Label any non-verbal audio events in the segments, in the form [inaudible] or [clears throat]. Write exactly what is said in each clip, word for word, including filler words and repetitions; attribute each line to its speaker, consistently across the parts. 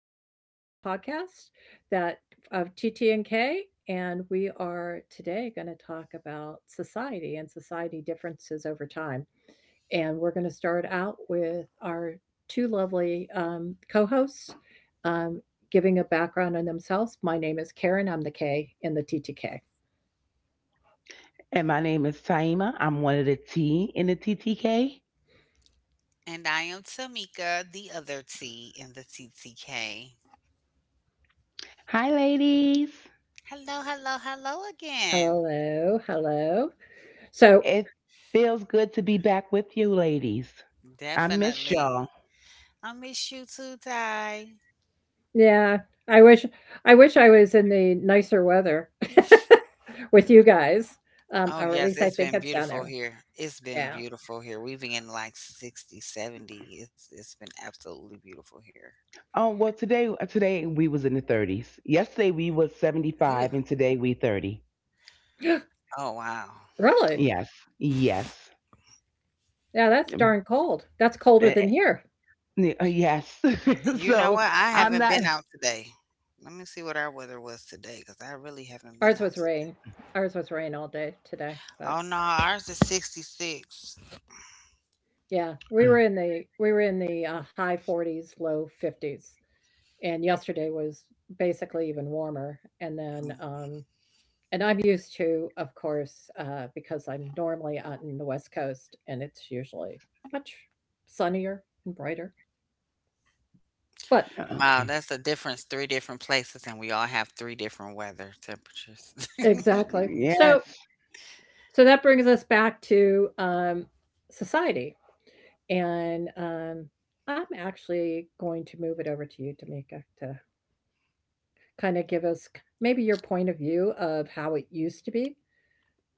Speaker 1: welcome to the podcast that of T T N K. And we are today going to talk about society and society differences over time. And we're going to start out with our two lovely um, co-hosts um, giving a background on themselves. My name is Karen. I'm the K in the T T K.
Speaker 2: And my name is Taima. I'm one of the T in the T T K.
Speaker 3: And I am Tamika, the other T in the T T K.
Speaker 2: Hi, ladies.
Speaker 3: Hello, hello, hello again.
Speaker 1: Hello, hello. So
Speaker 2: It feels good to be back with you, ladies. I miss y'all.
Speaker 3: Definitely. I miss you too, Ty.
Speaker 1: Yeah, I wish I wish I was in the nicer weather [laughs] with you guys, um,
Speaker 3: Oh,
Speaker 1: or at
Speaker 3: yes,
Speaker 1: least I
Speaker 3: it's
Speaker 1: think
Speaker 3: been
Speaker 1: it's down
Speaker 3: beautiful
Speaker 1: there.
Speaker 3: here. It's been
Speaker 1: Yeah.
Speaker 3: beautiful here. We've been in like sixty, seventy. It's, it's been absolutely beautiful here.
Speaker 2: Oh well, today uh, today we was in the thirties. Yesterday we was
Speaker 3: Ooh,
Speaker 2: seventy-five, and today we thirty.
Speaker 1: [gasps]
Speaker 3: oh, wow.
Speaker 1: Really?
Speaker 2: Yes, yes.
Speaker 1: Yeah, that's darn cold. That's colder
Speaker 2: Eh,
Speaker 1: than here.
Speaker 2: eh, yes. [laughs]
Speaker 3: And you know
Speaker 2: so
Speaker 3: what? I
Speaker 2: I'm
Speaker 3: haven't
Speaker 2: not
Speaker 3: been out today. Let me see what our weather was today because I really haven't been
Speaker 1: Ours
Speaker 3: out.
Speaker 1: was rain. Ours was rain all day today, but
Speaker 3: Oh, no, ours is sixty-six.
Speaker 1: yeah, we were in
Speaker 2: [sighs]
Speaker 1: the we were in the uh, high forties, low fifties, and yesterday was basically even warmer. And then um, And I'm used to, of course, uh, because I'm normally out in the West Coast, and it's usually much sunnier and brighter. But
Speaker 3: Wow,
Speaker 2: Okay.
Speaker 3: that's the difference. Three different places, and we all have three different weather temperatures.
Speaker 1: exactly.
Speaker 3: [laughs]
Speaker 1: So
Speaker 2: Yes.
Speaker 1: so that brings us back to um, society. And um, I'm actually going to move it over to you, Tamika, to kind of give us maybe your point of view of how it used to be.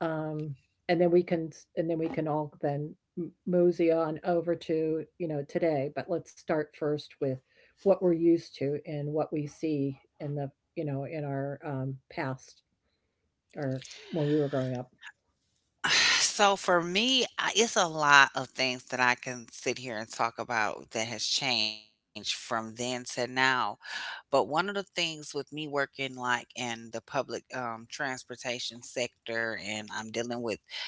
Speaker 1: Um, and then we can, and then we can all then mosey on over to, you know, today. But let's start first with what we're used to and what we see in the, you know, in our um, past or when we were growing up.
Speaker 3: So for me, I, it's a lot of things that I can sit here and talk about that has changed from then to now. But one of the things with me working like in the public um, transportation sector, and I'm dealing with,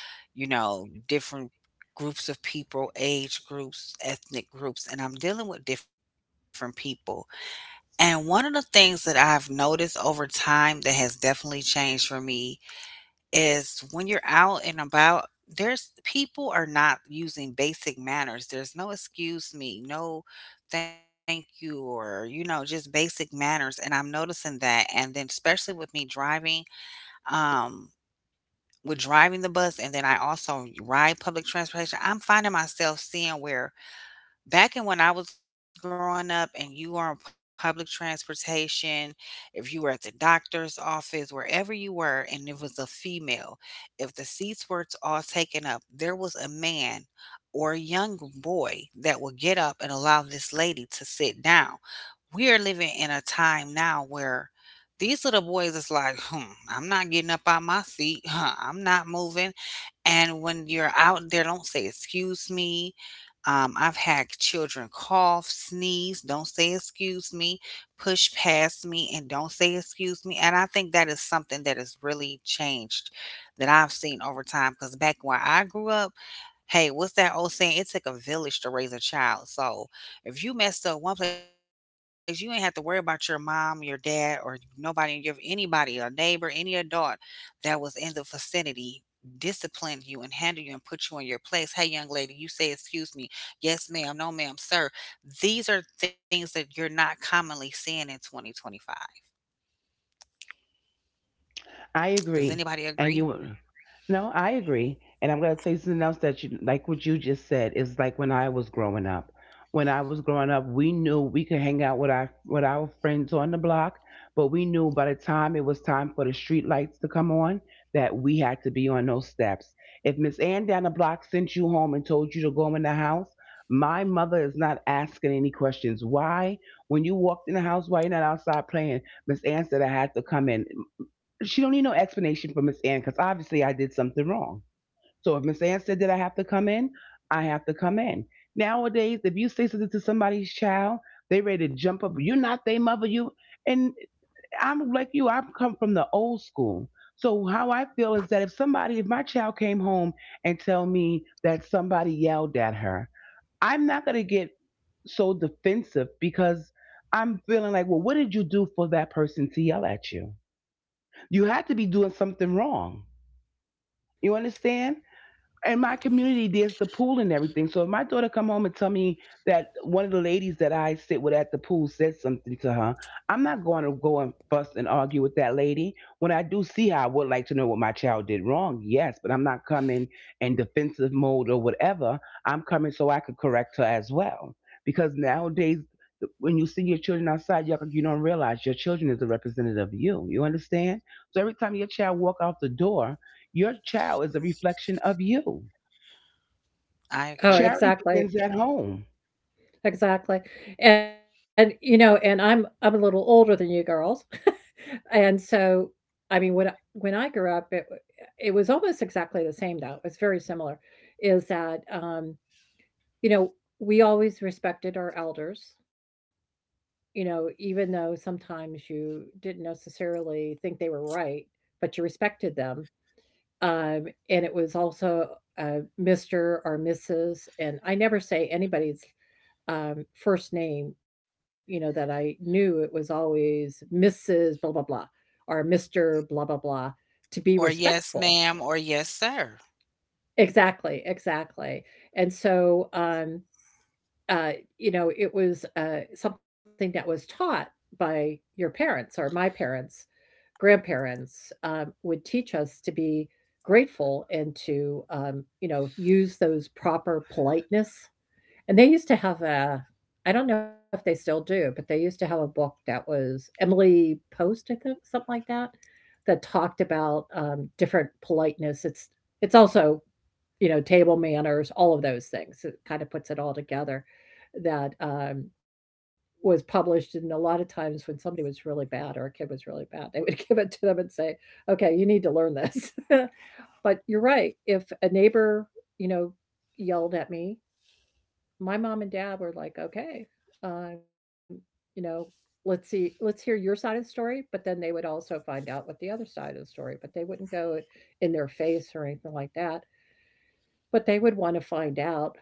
Speaker 3: you know, different groups of people, age groups, ethnic groups, and I'm dealing with different people. And one of the things that I've noticed over time that has definitely changed for me is when you're out and about, there's people are not using basic manners. There's no excuse me, no thank you, or, you know, just basic manners. And I'm noticing that. And then, especially with me driving, um, with driving the bus, and then I also ride public transportation, I'm finding myself seeing where back in when I was growing up and you were on public transportation, if you were at the doctor's office, wherever you were, and it was a female, if the seats were t- all taken up, there was a man or a young boy that would get up and allow this lady to sit down. We are living in a time now where these little boys is like, hmm, I'm not getting up out my seat. Huh, I'm not moving. And when you're out there, don't say excuse me. um, I've had children cough, sneeze, don't say excuse me, push past me, and don't say excuse me. And I think that is something that has really changed that I've seen over time. Because back when I grew up, hey, what's that old saying? It took a village to raise a child. So if you messed up one place, you ain't have to worry about your mom, your dad, or nobody, your anybody, a neighbor, any adult that was in the vicinity disciplined you and handled you and put you in your place. Hey, young lady, you say excuse me. Yes, ma'am. No, ma'am. Sir, these are things that you're not commonly seeing in twenty twenty-five.
Speaker 2: I agree.
Speaker 3: Does
Speaker 2: And
Speaker 3: anybody
Speaker 2: you,
Speaker 3: agree?
Speaker 2: no, I agree. And I'm going to tell you something else that, you, like what you just said, is like when I was growing up. When I was growing up, we knew we could hang out with our with our friends on the block, but we knew by the time it was time for the street lights to come on that we had to be on those steps. If Miss Ann down the block sent you home and told you to go in the house, my mother is not asking any questions. Why? When you walked in the house, why you are not outside playing? Miss Ann said I had to come in, she don't need no explanation from Miss Ann because obviously I did something wrong. So if Miss Ann said that I have to come in, I have to come in. Nowadays, if you say something to somebody's child, they ready to jump up. You're not their mother. You and I'm like you. I've come from the old school. So how I feel is that if somebody, if my child came home and tell me that somebody yelled at her, I'm not gonna get so defensive because I'm feeling like, well, what did you do for that person to yell at you? You had to be doing something wrong. You understand? In my community there's the pool and everything, so if my daughter come home and tell me that one of the ladies that I sit with at the pool said something to her, I'm not going to go and fuss and argue with that lady. When I do see her, I would like to know what my child did wrong, yes, but I'm not coming in defensive mode or whatever. I'm coming so I could correct her as well, because nowadays when you see your children outside, you you don't realize your children is a representative of you. You understand? So every time your child walk out the door, your child is a reflection of you.
Speaker 1: Oh,
Speaker 2: Charity begins
Speaker 3: I
Speaker 1: exactly.
Speaker 2: at
Speaker 3: agree.
Speaker 2: home.
Speaker 1: Exactly. And, you know, and I'm, I'm a little older than you girls. [laughs] And so, I mean, when, I- when I grew up, it, it was almost exactly the same though. It's very similar. Is that, um, you know, we always respected our elders, you know, even though sometimes you didn't necessarily think they were right, but you respected them. Um, and it was also uh, mister or missus And I never say anybody's um, first name, you know, that I knew. It was always missus blah, blah, blah, or mister blah, blah, blah, to be respectful.
Speaker 3: Or yes, ma'am, or yes, sir.
Speaker 1: Exactly, exactly. And so, um, uh, you know, it was uh, something that was taught by your parents or my parents, grandparents um, would teach us to be grateful and to, um, you know, use those proper politeness. And they used to have a, I don't know if they still do, but they used to have a book that was Emily Post, I think, something like that, that talked about um, different politeness. It's it's also, you know, table manners, all of those things. It kind of puts it all together that um, was published. And a lot of times when somebody was really bad or a kid was really bad, they would [laughs] give it to them and say, okay, you need to learn this. [laughs] But you're right. If a neighbor, you know, yelled at me, my mom and dad were like, okay, um, you know, let's see, let's hear your side of the story. But then they would also find out what the other side of the story, but they wouldn't go in their face or anything like that. But they would want to find out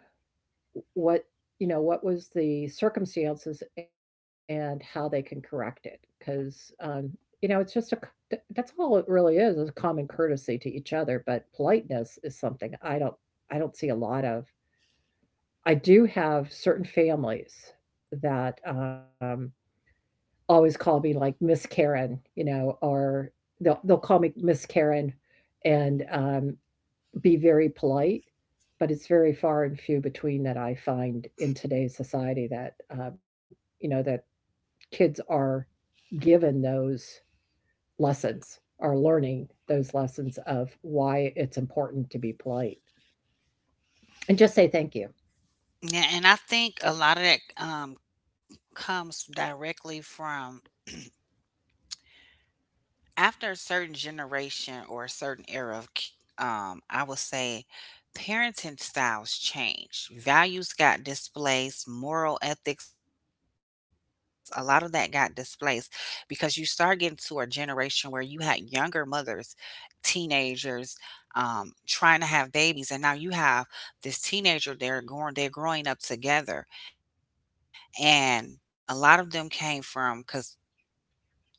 Speaker 1: what, you know, what was the circumstances and how they can correct it. Because, um, you know, it's just a that's all it really is, is common courtesy to each other. But politeness is something I don't, I don't see a lot of. I do have certain families that um, always call me like Miss Karen, you know, or they'll, they'll call me Miss Karen, and um, be very polite, but it's very far and few between that I find in today's society that, uh, you know, that kids are given those lessons, are learning those lessons of why it's important to be polite and just say thank you.
Speaker 3: Yeah, and I think a lot of that um, comes directly from after a certain generation or a certain era of ki- um I would say parenting styles changed, values got displaced, moral ethics, a lot of that got displaced because you start getting to a generation where you had younger mothers, teenagers, um trying to have babies, and now you have this teenager, they're going, they're growing up together. And a lot of them came from because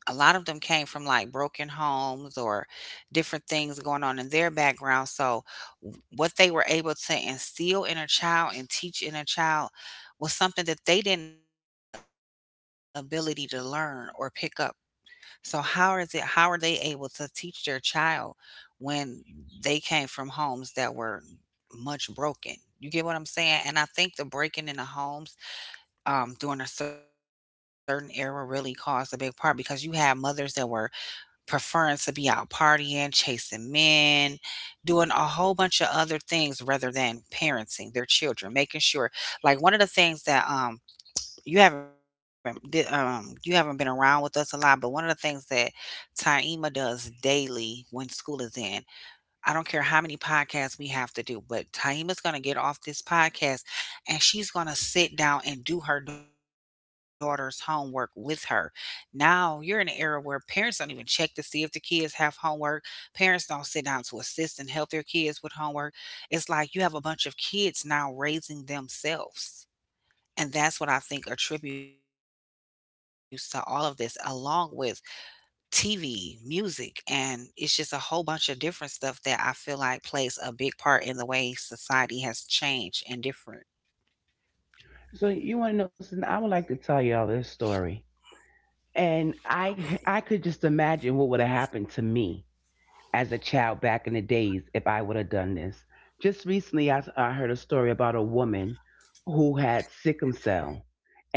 Speaker 3: a lot of them came from like broken homes or different things going on in their background. So, w- what they were able to instill in a child and teach in a child was something that they didn't have the ability to learn or pick up. So, how is it, how are they able to teach their child when they came from homes that were much broken? You get what I'm saying? And I think the breaking in the homes um, during a certain era really caused a big part because you had mothers that were preferring to be out partying, chasing men, doing a whole bunch of other things rather than parenting their children, making sure like one of the things that um you haven't di- um you haven't been around with us a lot, but one of the things that Taima does daily when school is in, I don't care how many podcasts we have to do, but Taima's going to get off this podcast and she's going to sit down and do her daughter's homework with her. Now, you're in an era where parents don't even check to see if the kids have homework. Parents don't sit down to assist and help their kids with homework. It's like you have a bunch of kids now raising themselves. And that's what I think attributes to all of this, along with T V, music, and it's just a whole bunch of different stuff that I feel like plays a big part in the way society has changed and different.
Speaker 2: So you want to know something? I would like to tell y'all this story, and I I could just imagine what would have happened to me as a child back in the days if I would have done this. Just recently, I, I heard a story about a woman who had sickle cell,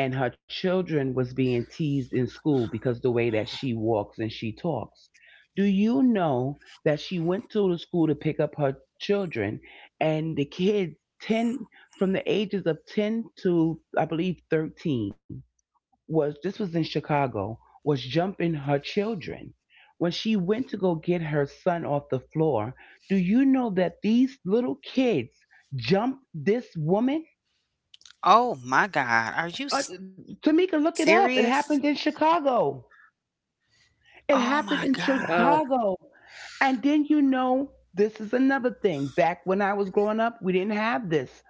Speaker 2: and her children was being teased in school because the way that she walks and she talks. Do you know that she went to the school to pick up her children, and the kids, ten from the ages of ten to I believe thirteen, was— this was in Chicago— was jumping her children. When she went to go get her son off the floor, do you know that these little kids jumped this woman?
Speaker 3: Oh my God, are
Speaker 2: Uh,
Speaker 3: you
Speaker 2: Tamika, look
Speaker 3: serious?
Speaker 2: it up. It happened in Chicago. It
Speaker 3: Oh my
Speaker 2: happened in
Speaker 3: God.
Speaker 1: Wow.
Speaker 2: Chicago. And then, you know, this is another thing. Back when I was growing up, we didn't have this.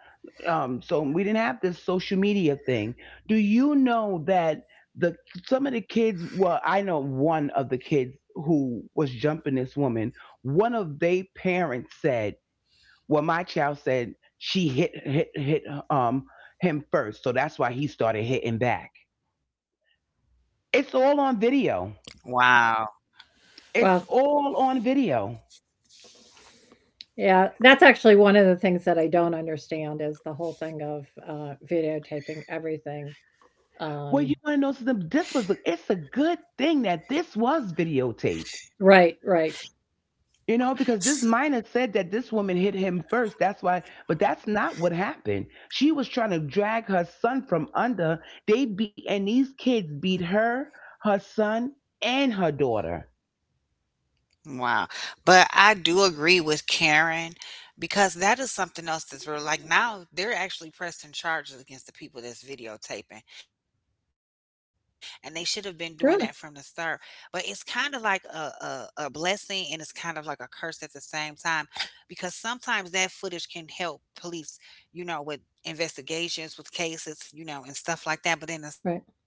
Speaker 2: um, So we didn't have this social media thing. Do you know that the some of the kids? Well, I know one of the kids who was jumping this woman. One of they parents said, "Well, my child said she hit hit hit um him first, so that's why he started hitting back." It's all on video.
Speaker 3: Wow.
Speaker 1: Wow.
Speaker 2: It's all on video.
Speaker 1: Yeah, that's actually one of the things that I don't understand is the whole thing of uh, videotaping everything.
Speaker 2: Well,
Speaker 1: Um,
Speaker 2: you want to know something? This was a, it's a good thing that this was videotaped.
Speaker 1: right, right.
Speaker 2: You know, because this minor said that this woman hit him first. That's why, but that's not what happened. She was trying to drag her son from under. They beat, and these kids beat her, her son, and her daughter.
Speaker 3: Wow. But I do agree with Karen because that is something else that's real. Like now, they're actually pressing charges against the people that's videotaping, and they should have been doing that from the start.
Speaker 1: Really?
Speaker 3: But it's kind of like a, a, a blessing and it's kind of like a curse at the same time because sometimes that footage can help police, you know, with investigations, with cases, you know, and stuff like that. But then in some
Speaker 1: Right.
Speaker 3: ways,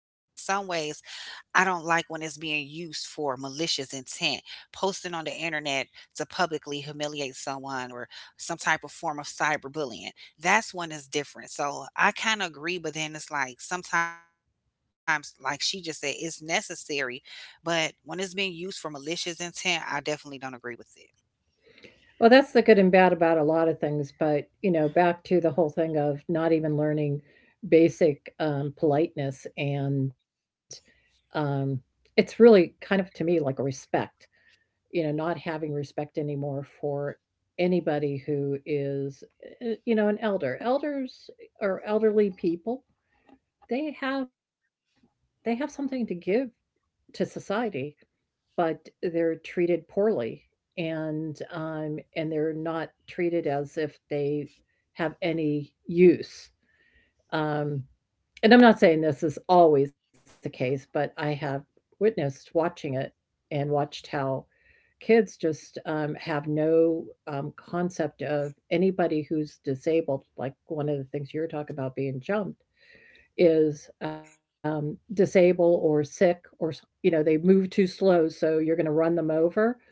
Speaker 3: I don't like when it's being used for malicious intent. Posting on the internet to publicly humiliate someone or some type of form of cyberbullying. That's one that's different. So I kind of agree, but then it's like sometimes, like she just said, it's necessary. But when it's being used for malicious intent, I definitely don't agree with it.
Speaker 1: Well, that's the good and bad about a lot of things, but, you know, back to the whole thing of not even learning basic um, politeness and um, it's really kind of to me like a respect, you know, not having respect anymore for anybody who is, uh, you know, an elder. Elders eh, or elderly people, they have they have something to give to society, but they're treated poorly, and um, and they're not treated as if they have any use. Um, and I'm not saying this is always the case, but I have witnessed watching it and watched how kids just um, have no um, concept of anybody who's disabled. Like one of the things you're talking about being jumped is um, disabled or sick, or you know, they move too slow, so you're going to run them over,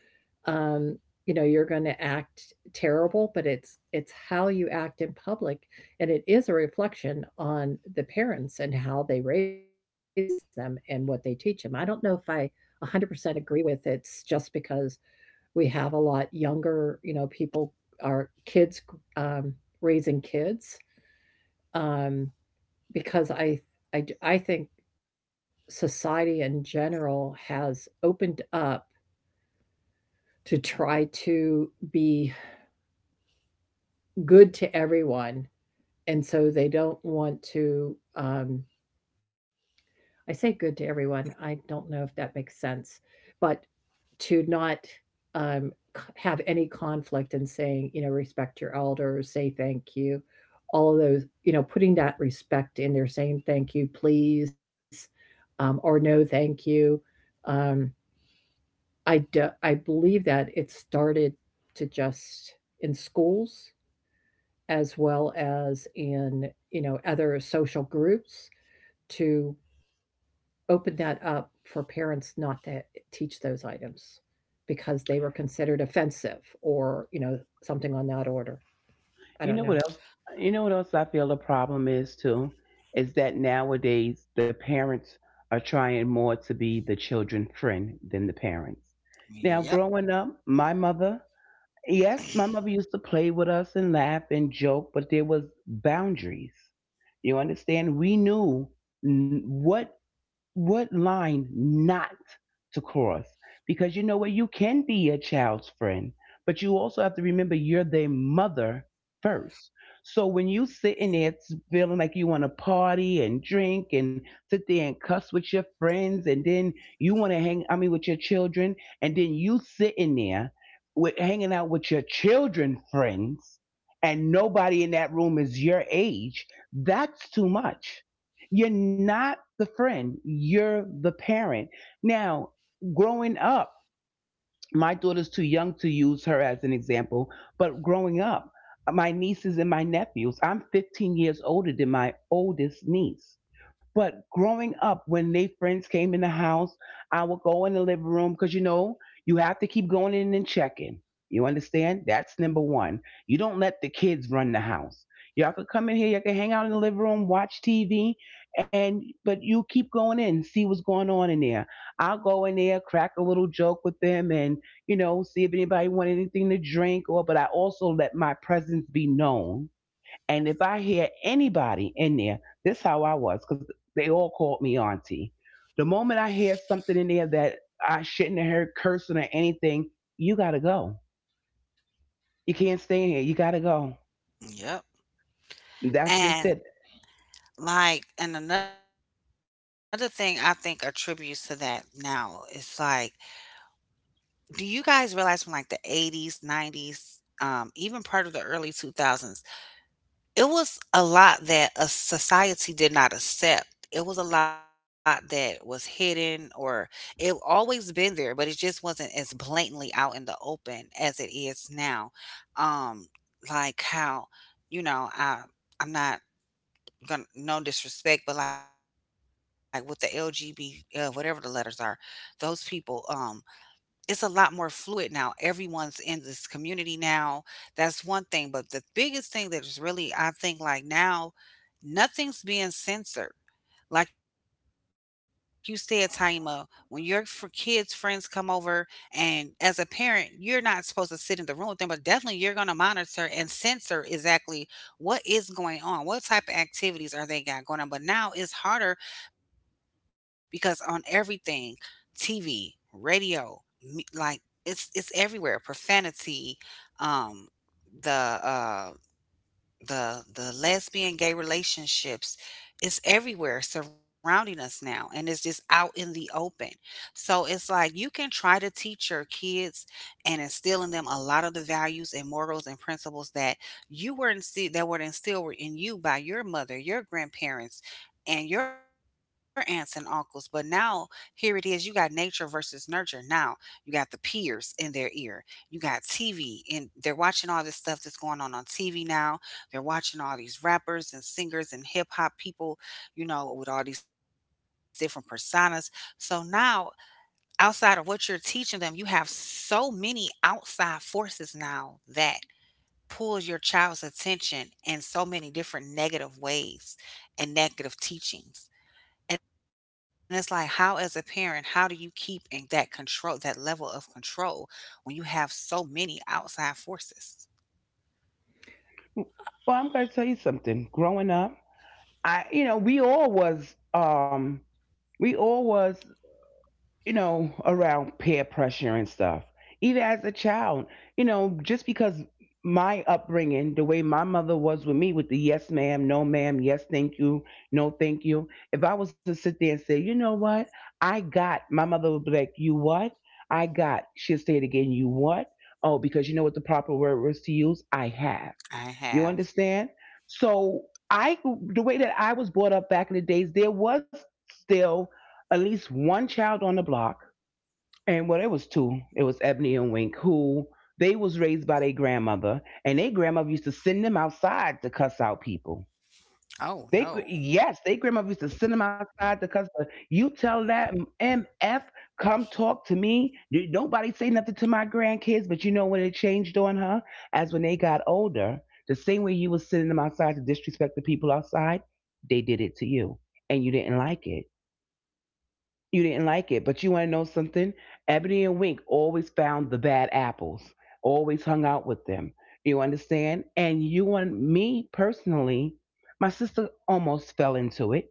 Speaker 1: um, you know, you're going to act terrible. But it's it's how you act in public, and it is a reflection on the parents and how they raise them and what they teach them. I don't know if I one hundred percent agree with it's just because we have a lot younger, you know, people are kids, um, raising kids, um, because I, I d- I think society in general has opened up to try to be good to everyone, and so they don't want to, um, I say good to everyone, I don't know if that makes sense, but to not um, have any conflict in saying, you know, respect your elders, say thank you, all of those, you know, putting that respect in there, saying thank you, please, um, or no thank you. Um, I, do, I believe that it started to just in schools as well as in, you know, other social groups to open that up for parents not to teach those items because they were considered offensive or, you know, something on that order. I
Speaker 2: You
Speaker 1: don't
Speaker 2: know what
Speaker 1: know.
Speaker 2: else? You know what else I feel the problem is too? Is that nowadays the parents are trying more to be the children's friend than the parents. Now, growing up, my mother— yes, my mother used to play with us and laugh and joke, but there was boundaries. You understand? We knew n- what what line not to cross. Because, you know what, you can be a child's friend, but you also have to remember you're their mother first. So when you sitting there feeling like you want to party and drink and sit there and cuss with your friends, and then you want to hang, I mean, with your children, and then you sitting there with hanging out with your children friends, and nobody in that room is your age, that's too much. You're not the friend, you're the parent. Now, growing up— my daughter's too young to use her as an example— but growing up, my nieces and my nephews, I'm fifteen years older than my oldest niece. But growing up, when they friends came in the house, I would go in the living room because, you know, you have to keep going in and checking. You understand? That's number one. You don't let the kids run the house. Y'all could come in here, y'all could hang out in the living room, watch T V, and but you keep going in, see what's going on in there. I'll go in there, crack a little joke with them, and, you know, see if anybody wanted anything to drink or, but I also let my presence be known. And if I hear anybody in there— this how I was, because they all called me auntie— the moment I hear something in there that I shouldn't have heard, cursing or anything, you gotta go. You can't stay in here. You gotta go.
Speaker 3: Yep.
Speaker 2: That's just
Speaker 3: And,
Speaker 2: it.
Speaker 3: like, and another thing I think attributes to that now is like, do you guys realize from like the eighties, nineties, um, even part of the early two thousands, it was a lot that a society did not accept. It was a lot that was hidden, or it always been there, but it just wasn't as blatantly out in the open as it is now. Um, like how, you know, I I'm not gonna, no disrespect, but like with the L G B, uh, whatever the letters are, those people, um, it's a lot more fluid now. Everyone's in this community now. That's one thing. But the biggest thing that is really, I think, like now, nothing's being censored. Like you said, Taima, when your for kids' friends come over, and as a parent, you're not supposed to sit in the room with them, but definitely you're going to monitor and censor exactly what is going on, what type of activities are they got going on. But now it's harder because on everything, T V, radio, me- like it's it's everywhere, profanity, um the uh, the the lesbian gay relationships, it's everywhere surrounding us now, and it's just out in the open. So it's like you can try to teach your kids and instill in them a lot of the values and morals and principles that you were instilled that were instilled in you by your mother, your grandparents, and your aunts and uncles, but now here it is, you got nature versus nurture now, you got the peers in their ear, you got TV and they're watching all this stuff that's going on on TV now, they're watching all these rappers and singers and hip hop people, you know, with all these different personas. So now, outside of what you're teaching them, you have so many outside forces now that pull your child's attention in so many different negative ways and negative teachings. And it's like, how as a parent, how do you keep in that control, that level of control when you have so many outside forces?
Speaker 2: Well, I'm gonna tell you something. Growing up, I, you know, we all was um we all was you know, around peer pressure and stuff. Even as a child, you know, just because my upbringing, the way my mother was with me, with the yes, ma'am, no, ma'am, yes, thank you, no, thank you. If I was to sit there and say, you know what, I got, my mother would be like, you what? I got. She'll say it again, you what? Oh, because you know what the proper word was to use? I have. You
Speaker 3: I
Speaker 2: understand?
Speaker 3: have.
Speaker 2: So I, the way that I was brought up back in the days, there was still at least one child on the block, and, well, it was two. It was Ebony and Wink, who they was raised by their grandmother, and their grandmother used to send them outside to cuss out people. They gr- yes,
Speaker 3: Oh
Speaker 2: they grandmother
Speaker 3: no.
Speaker 2: used to send them outside to cuss out. You tell that M F, come talk to me. N- Nobody say nothing to my grandkids. But you know when it changed on her as when they got older, the same way you was sending them outside to disrespect the people outside, they did it to you, and you didn't like it you didn't like it. But you want to know something? Ebony and Wink always found the bad apples, always hung out with them. You understand? And you and Me personally, my sister almost fell into it.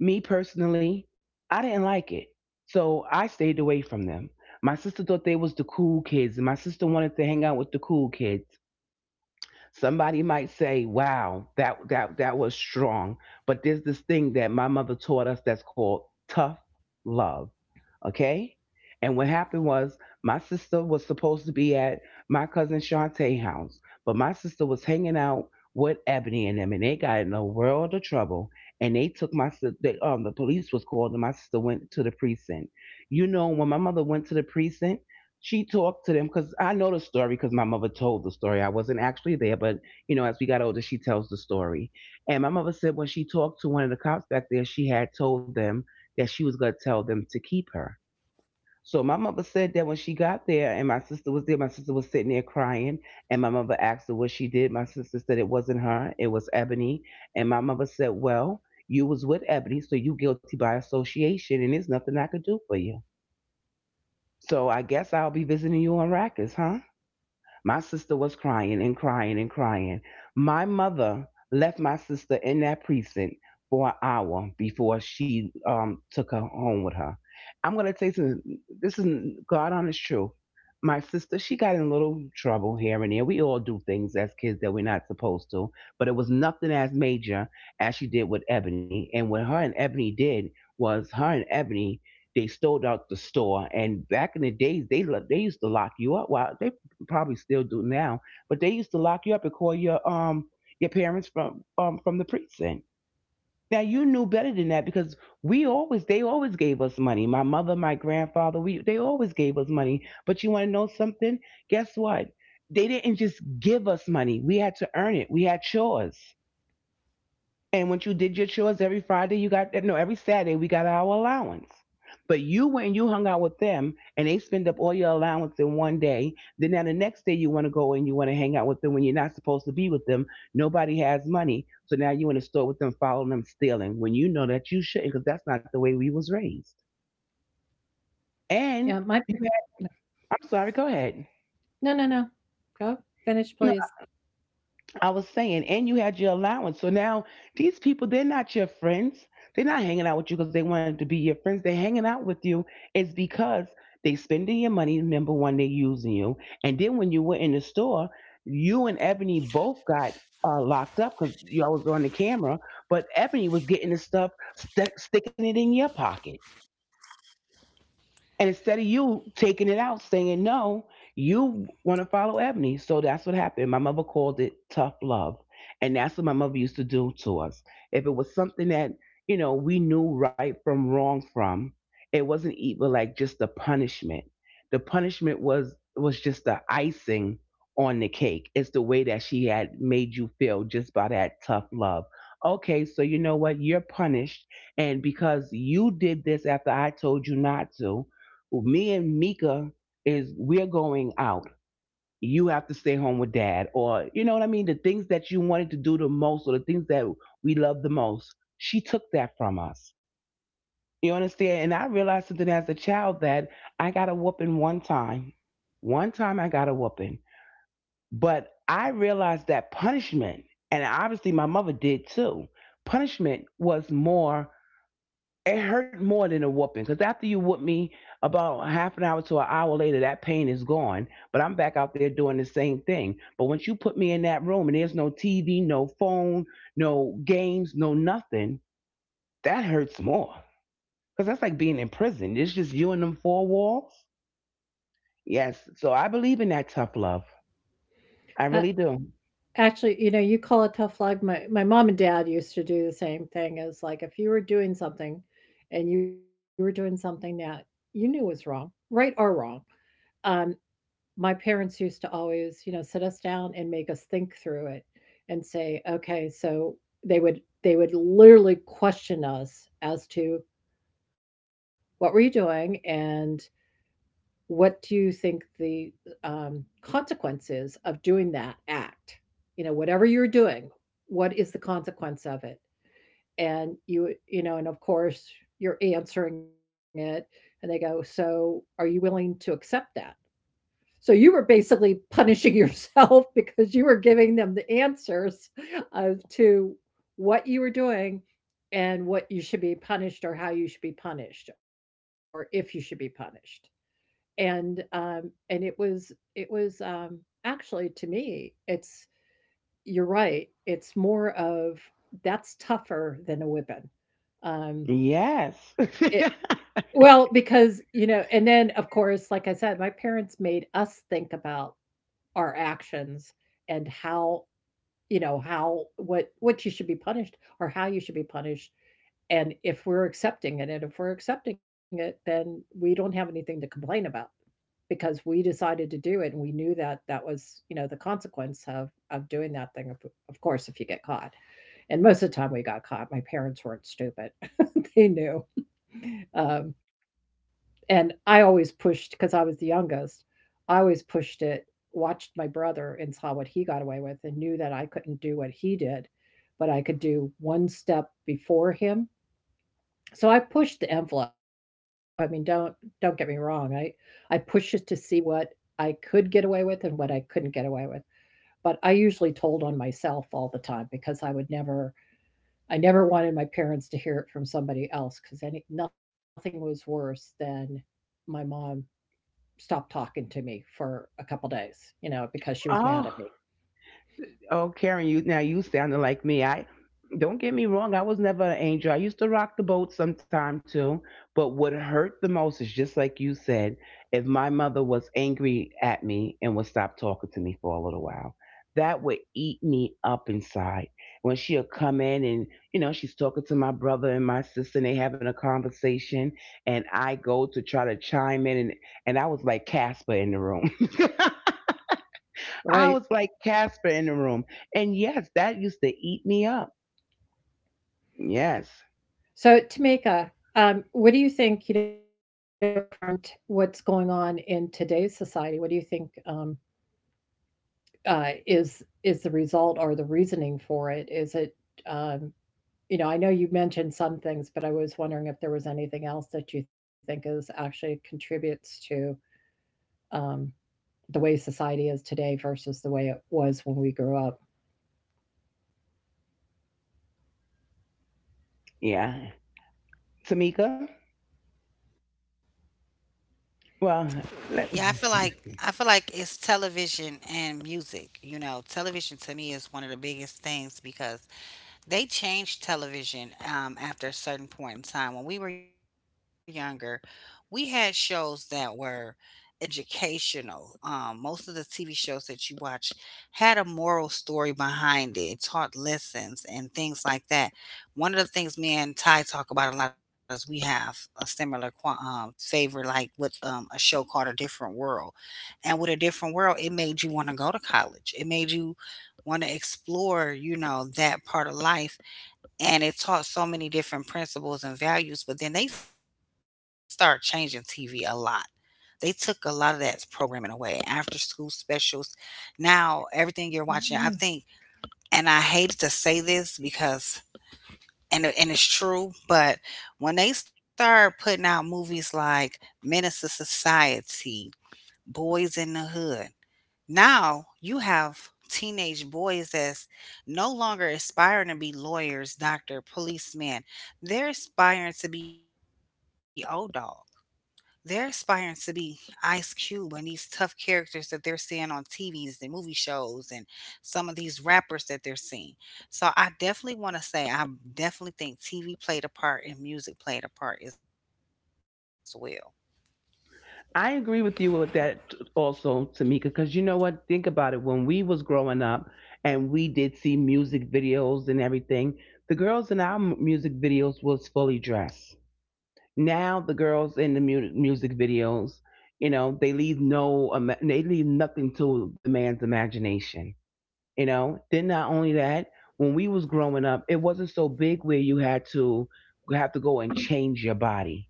Speaker 2: Me personally, I didn't like it. So I stayed away from them. My sister thought they was the cool kids, and my sister wanted to hang out with the cool kids. Somebody might say, "Wow, that that that was strong." But there's this thing that my mother taught us that's called tough love. Okay? And what happened was my sister was supposed to be at my cousin Shantae house, but my sister was hanging out with Ebony and them, and they got in a world of trouble. And they took my sister. They, um, the police was called, and my sister went to the precinct. You know, when my mother went to the precinct, she talked to them, because I know the story because my mother told the story. I wasn't actually there, but, you know, as we got older, she tells the story. And my mother said when she talked to one of the cops back there, she had told them that she was going to tell them to keep her. So my mother said that when she got there and my sister was there, my sister was sitting there crying. And my mother asked her what she did. My sister said it wasn't her, it was Ebony. And my mother said, well, you was with Ebony, so you guilty by association, and there's nothing I could do for you. So I guess I'll be visiting you on Rikers, huh? My sister was crying and crying and crying. My mother left my sister in that precinct for an hour before she um, took her home with her. I'm going to tell you something. This is God honest truth. My sister, she got in a little trouble here and there. We all do things as kids that we're not supposed to, but it was nothing as major as she did with Ebony. And what her and Ebony did was her and Ebony, they stole out the store. And back in the days, they lo- they used to lock you up. Well, they probably still do now, but they used to lock you up and call your um your parents from um from the precinct. Now you knew better than that because we always they always gave us money. My mother, my grandfather, we they always gave us money. But you want to know something? Guess what? They didn't just give us money. We had to earn it. We had chores. And once you did your chores every Friday, you got no every Saturday we got our allowance. But you went and you hung out with them, and they spend up all your allowance in one day. Then now the next day you want to go and you want to hang out with them when you're not supposed to be with them. Nobody has money, so now you in the store with them, following them, stealing when you know that you shouldn't, because that's not the way we was raised.
Speaker 1: Yeah, my
Speaker 2: And
Speaker 1: per-
Speaker 2: you had, I'm sorry, go ahead.
Speaker 1: no, no, no. No. Go finish, please.
Speaker 2: I was saying, and you had your allowance. So now these people, they're not your friends. They're not hanging out with you because they wanted to be your friends. They're hanging out with you is because they spending your money. Number one, they're using you. And then when you were in the store, you and Ebony both got uh, locked up because y'all was on the camera. But Ebony was getting the stuff, st- sticking it in your pocket. And instead of you taking it out, saying no, you want to follow Ebony. So that's what happened. My mother called it tough love. And that's what my mother used to do to us. If it was something that, you know, we knew right from wrong from, it wasn't even like just the punishment. The punishment was was just the icing on the cake. It's the way that she had made you feel just by that tough love. Okay, so you know what? You're punished. And because you did this after I told you not to, well, me and Mika is we're going out. You have to stay home with dad, or you know what I mean? The things that you wanted to do the most, or the things that we love the most, she took that from us. You understand? And I realized something as a child that I got a whooping one time. One time I got a whooping. But I realized that punishment, and obviously my mother did too, punishment was more it hurt more than a whooping, because after you whoop me about half an hour to an hour later that pain is gone, but I'm back out there doing the same thing. But once you put me in that room and there's no TV, no phone, no games, no nothing, that hurts more, because that's like being in prison. It's just you and them four walls. Yes, so I believe in that tough love. I
Speaker 1: Uh,
Speaker 2: really do.
Speaker 1: actually, you know, you call it tough love. My my mom and dad used to do the same thing, as like if you were doing something, and you were doing something that you knew was wrong, right or wrong, um, my parents used to always, you know, sit us down and make us think through it and say, "Okay, so" they would they would literally question us as to what were you doing and what do you think the um, consequences of doing that act? You know, whatever you're doing, what is the consequence of it? And you you know, and of course you're answering it, and they go, "So are you willing to accept that?" So you were basically punishing yourself [laughs] because you were giving them the answers of to what you were doing and what you should be punished or how you should be punished or if you should be punished. And um and it was it was um actually to me it's you're right. It's more of that's tougher than a whipping. Um
Speaker 2: Yes.
Speaker 1: it
Speaker 2: [laughs]
Speaker 1: well, because you know, and then of course, like I said, my parents made us think about our actions and how, you know, how what what you should be punished or how you should be punished, and if we're accepting it, and if we're accepting it, then we don't have anything to complain about because we decided to do it, and we knew that that was, you know, the consequence of of doing that thing, of, of course, if you get caught. And most of the time we got caught. My parents weren't stupid. [laughs] They knew um, and I always pushed because I was the youngest. I always pushed it, watched my brother and saw what he got away with, and knew that I couldn't do what he did, but I could do one step before him. So I pushed the envelope. I mean, don't don't get me wrong. I I pushed it to see what I could get away with and what I couldn't get away with. But I usually told on myself all the time because I would never I never wanted my parents to hear it from somebody else because any nothing was worse than my mom stopped talking to me for a couple days, you know, because she was mad at me,
Speaker 2: oh. Oh, Karen, you now you sounded like me. I don't get me wrong, I was never an angel. I used to rock the boat sometime too. But what hurt the most is just like you said, if my mother was angry at me and would stop talking to me for a little while, that would eat me up inside. When she'll come in and, you know, she's talking to my brother and my sister and they having a conversation and I go to try to chime in, and, and I was like Casper in the room. [laughs] I
Speaker 1: right?
Speaker 2: was like Casper in the room. And yes, that used to eat me up. Yes.
Speaker 1: So, Tamika, um, what do you think, you know, from t- what's going on in today's society? What do you think um, uh, is is the result or the reasoning for it? Is it, um, you know, I know you mentioned some things, but I was wondering if there was anything else that you think is actually contributes to um, the way society is today versus the way it was when we grew up.
Speaker 2: Yeah. Tamika? Well, let-. [laughs]
Speaker 3: Yeah, I feel like I feel like it's television and music, you know. Television to me is one of the biggest things because they changed television um, after a certain point in time. When we were younger, we had shows that were educational. Um, most of the T V shows that you watch had a moral story behind it. It taught lessons and things like that. One of the things me and Ty talk about a lot is we have a similar qua- um, favor, like with um, a show called A Different World. And with A Different World, it made you want to go to college. It made you want to explore, you know, that part of life. And it taught so many different principles and values, but then they start changing T V a lot. They took a lot of that programming away, after school specials. Now, everything you're watching, I
Speaker 1: Yeah.
Speaker 3: think, and I hated to say this because, and, it- and it's true, but when they start putting out movies like Menace to Society, Boys in the Hood, now you have teenage boys that's no longer aspiring to be lawyers, doctor, policeman. They're aspiring to be old dog. They're aspiring to be Ice Cube and these tough characters that they're seeing on T Vs and movie shows and some of these rappers that they're seeing. So I definitely want to say I definitely think T V played a part and music played a part as well.
Speaker 2: I agree with you with that also, Tamika, because you know what? Think about it. When we was growing up and we did see music videos and everything, the girls in our m- music videos was fully dressed. Now the girls in the mu- music videos, you know, they leave no, ima- they leave nothing to the man's imagination. You know, then not only that, when we was growing up it wasn't so big where you had to you have to go and change your body,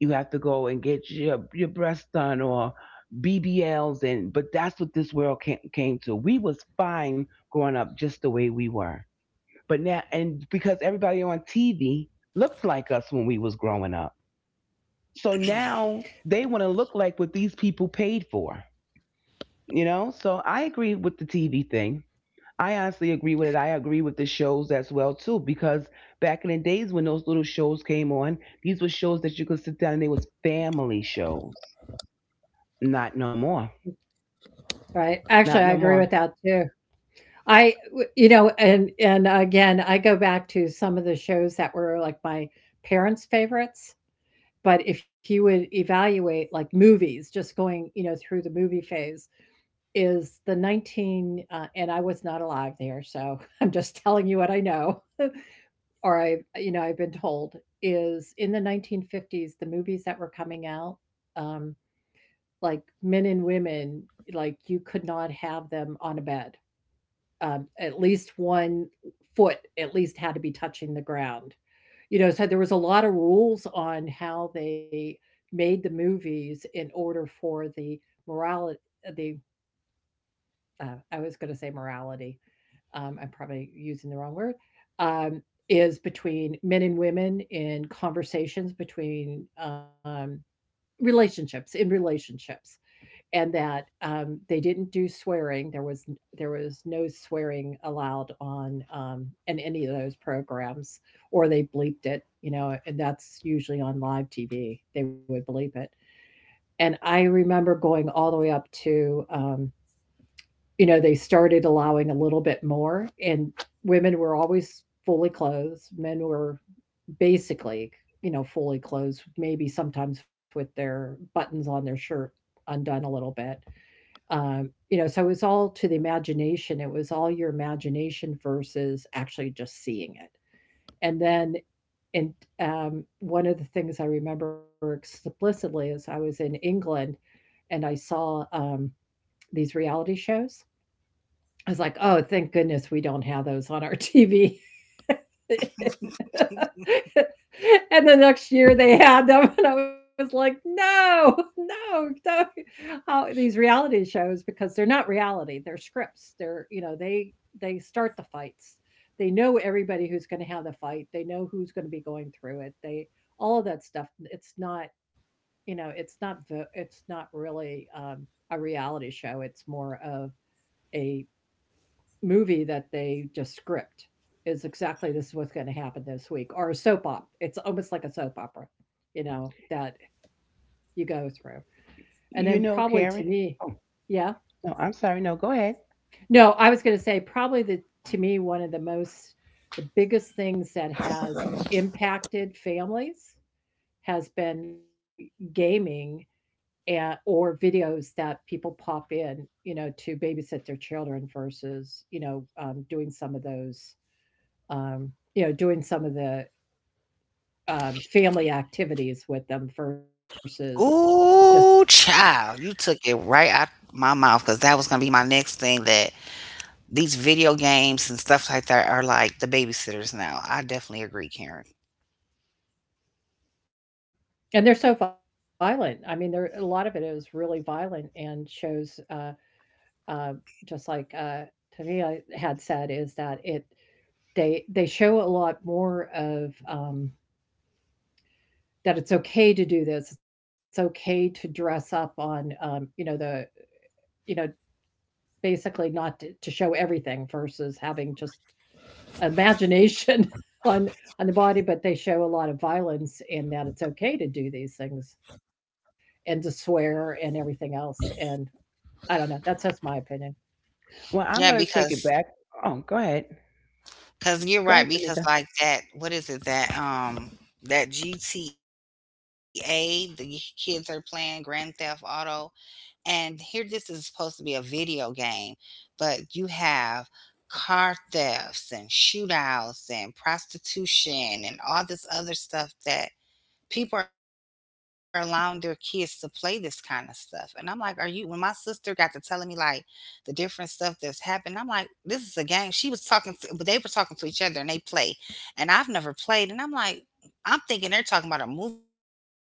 Speaker 2: you have to go and get your your breasts done or BBLs and, but that's what this world came, came to. We was fine growing up just the way we were, but now, and because everybody on TV looked like us when we was growing up, so now they want to look like what these people paid for. You know, so I agree with the TV thing. I honestly agree with it. I agree with the shows as well too, because back in the days when those little shows came on, these were shows that you could sit down and they was family shows. Not no more.
Speaker 1: Right.
Speaker 2: Not
Speaker 1: Actually,
Speaker 2: no
Speaker 1: I agree
Speaker 2: more.
Speaker 1: with that too. I, w- you know, and and again, I go back to some of the shows that were like my parents' favorites. But if you would evaluate like movies, just going, you know, through the movie phase, is the nineteen, uh, and I was not alive there, so [laughs] I'm just telling you what I know, or I, you know, I've been told is in the nineteen fifties, the movies that were coming out. Um, like men and women, like you could not have them on a bed. Um, at least one foot at least had to be touching the ground. You know, so there was a lot of rules on how they made the movies in order for the morality, the uh, I was going to say morality. Um, I'm probably using the wrong word. Um, is between men and women in conversations between um, relationships in relationships and that um, they didn't do swearing. There was there was no swearing allowed on um, in any of those programs, or they bleeped it. You know, and that's usually on live T V. They would bleep it. And I remember going all the way up to, um, you know, they started allowing a little bit more, and women were always fully clothed. Men were basically, you know, fully clothed, maybe sometimes with their buttons on their shirt undone a little bit um, you know, so it's all to the imagination. It was all your imagination versus actually just seeing it. And then, and um, One of the things I remember explicitly is I was in England and I saw um, these reality shows. I was like, "Oh, thank goodness we don't have those on our T V." [laughs]
Speaker 3: [laughs]
Speaker 1: And the next year they had them, and I was like, "No, no, no!" Not these reality shows, because they're not reality, they're scripts. They're, you know, they they start the fights. They know everybody who's going to have the fight. They know who's going to be going through it. They all of that stuff. It's not, you know, it's not vo- it's not really um, a reality show. It's more of a movie that they just script is exactly this is what's going to happen this week, or a soap opera. It's almost like a soap opera, you know, that you go through. And then
Speaker 2: You
Speaker 1: probably to
Speaker 2: know,
Speaker 1: me,
Speaker 2: Karen. Oh,
Speaker 1: yeah,
Speaker 2: no, I'm sorry. No, go ahead.
Speaker 1: no, I was going to say probably the, to me, one of the most, the biggest things that has impacted families has been gaming and, or videos that people pop in, you know, to babysit their children versus you know um, doing some of those um, you know, doing some of the um, family activities with them versus
Speaker 3: Ooh,
Speaker 1: just.
Speaker 3: child, you took it right out my mouth, because that was gonna be my next thing, that these video games and stuff like that are like the babysitters now. I definitely agree, Karen.
Speaker 1: And they're so violent. I mean, there a lot of it is really violent and shows uh, uh, just like uh, Tania had said, is that it they they show a lot more of um, that it's okay to do this. It's okay to dress up on um, you know, the you know, basically not to, to show everything versus having just imagination [laughs] on on the body, but they show a lot of violence and that it's okay to do these things and to swear and everything else. And I don't know. That's just my opinion.
Speaker 3: Yeah,
Speaker 2: Well, I'm gonna
Speaker 3: because
Speaker 2: take it back. Oh, go ahead.
Speaker 3: because you're
Speaker 2: Go
Speaker 3: right,
Speaker 2: ahead,
Speaker 3: because
Speaker 2: Tamika.
Speaker 3: like that, what is it that um that G T A the kids are playing, Grand Theft Auto, and here this is supposed to be a video game, but you have car thefts and shootouts and prostitution and all this other stuff that people are allowing their kids to play this kind of stuff. And I'm like, are you? When my sister got to telling me like the different stuff that's happened, I'm like, this is a game. She was talking, to, but they were talking to each other and they play. And I've never played. And I'm like, I'm thinking they're talking about a movie or something.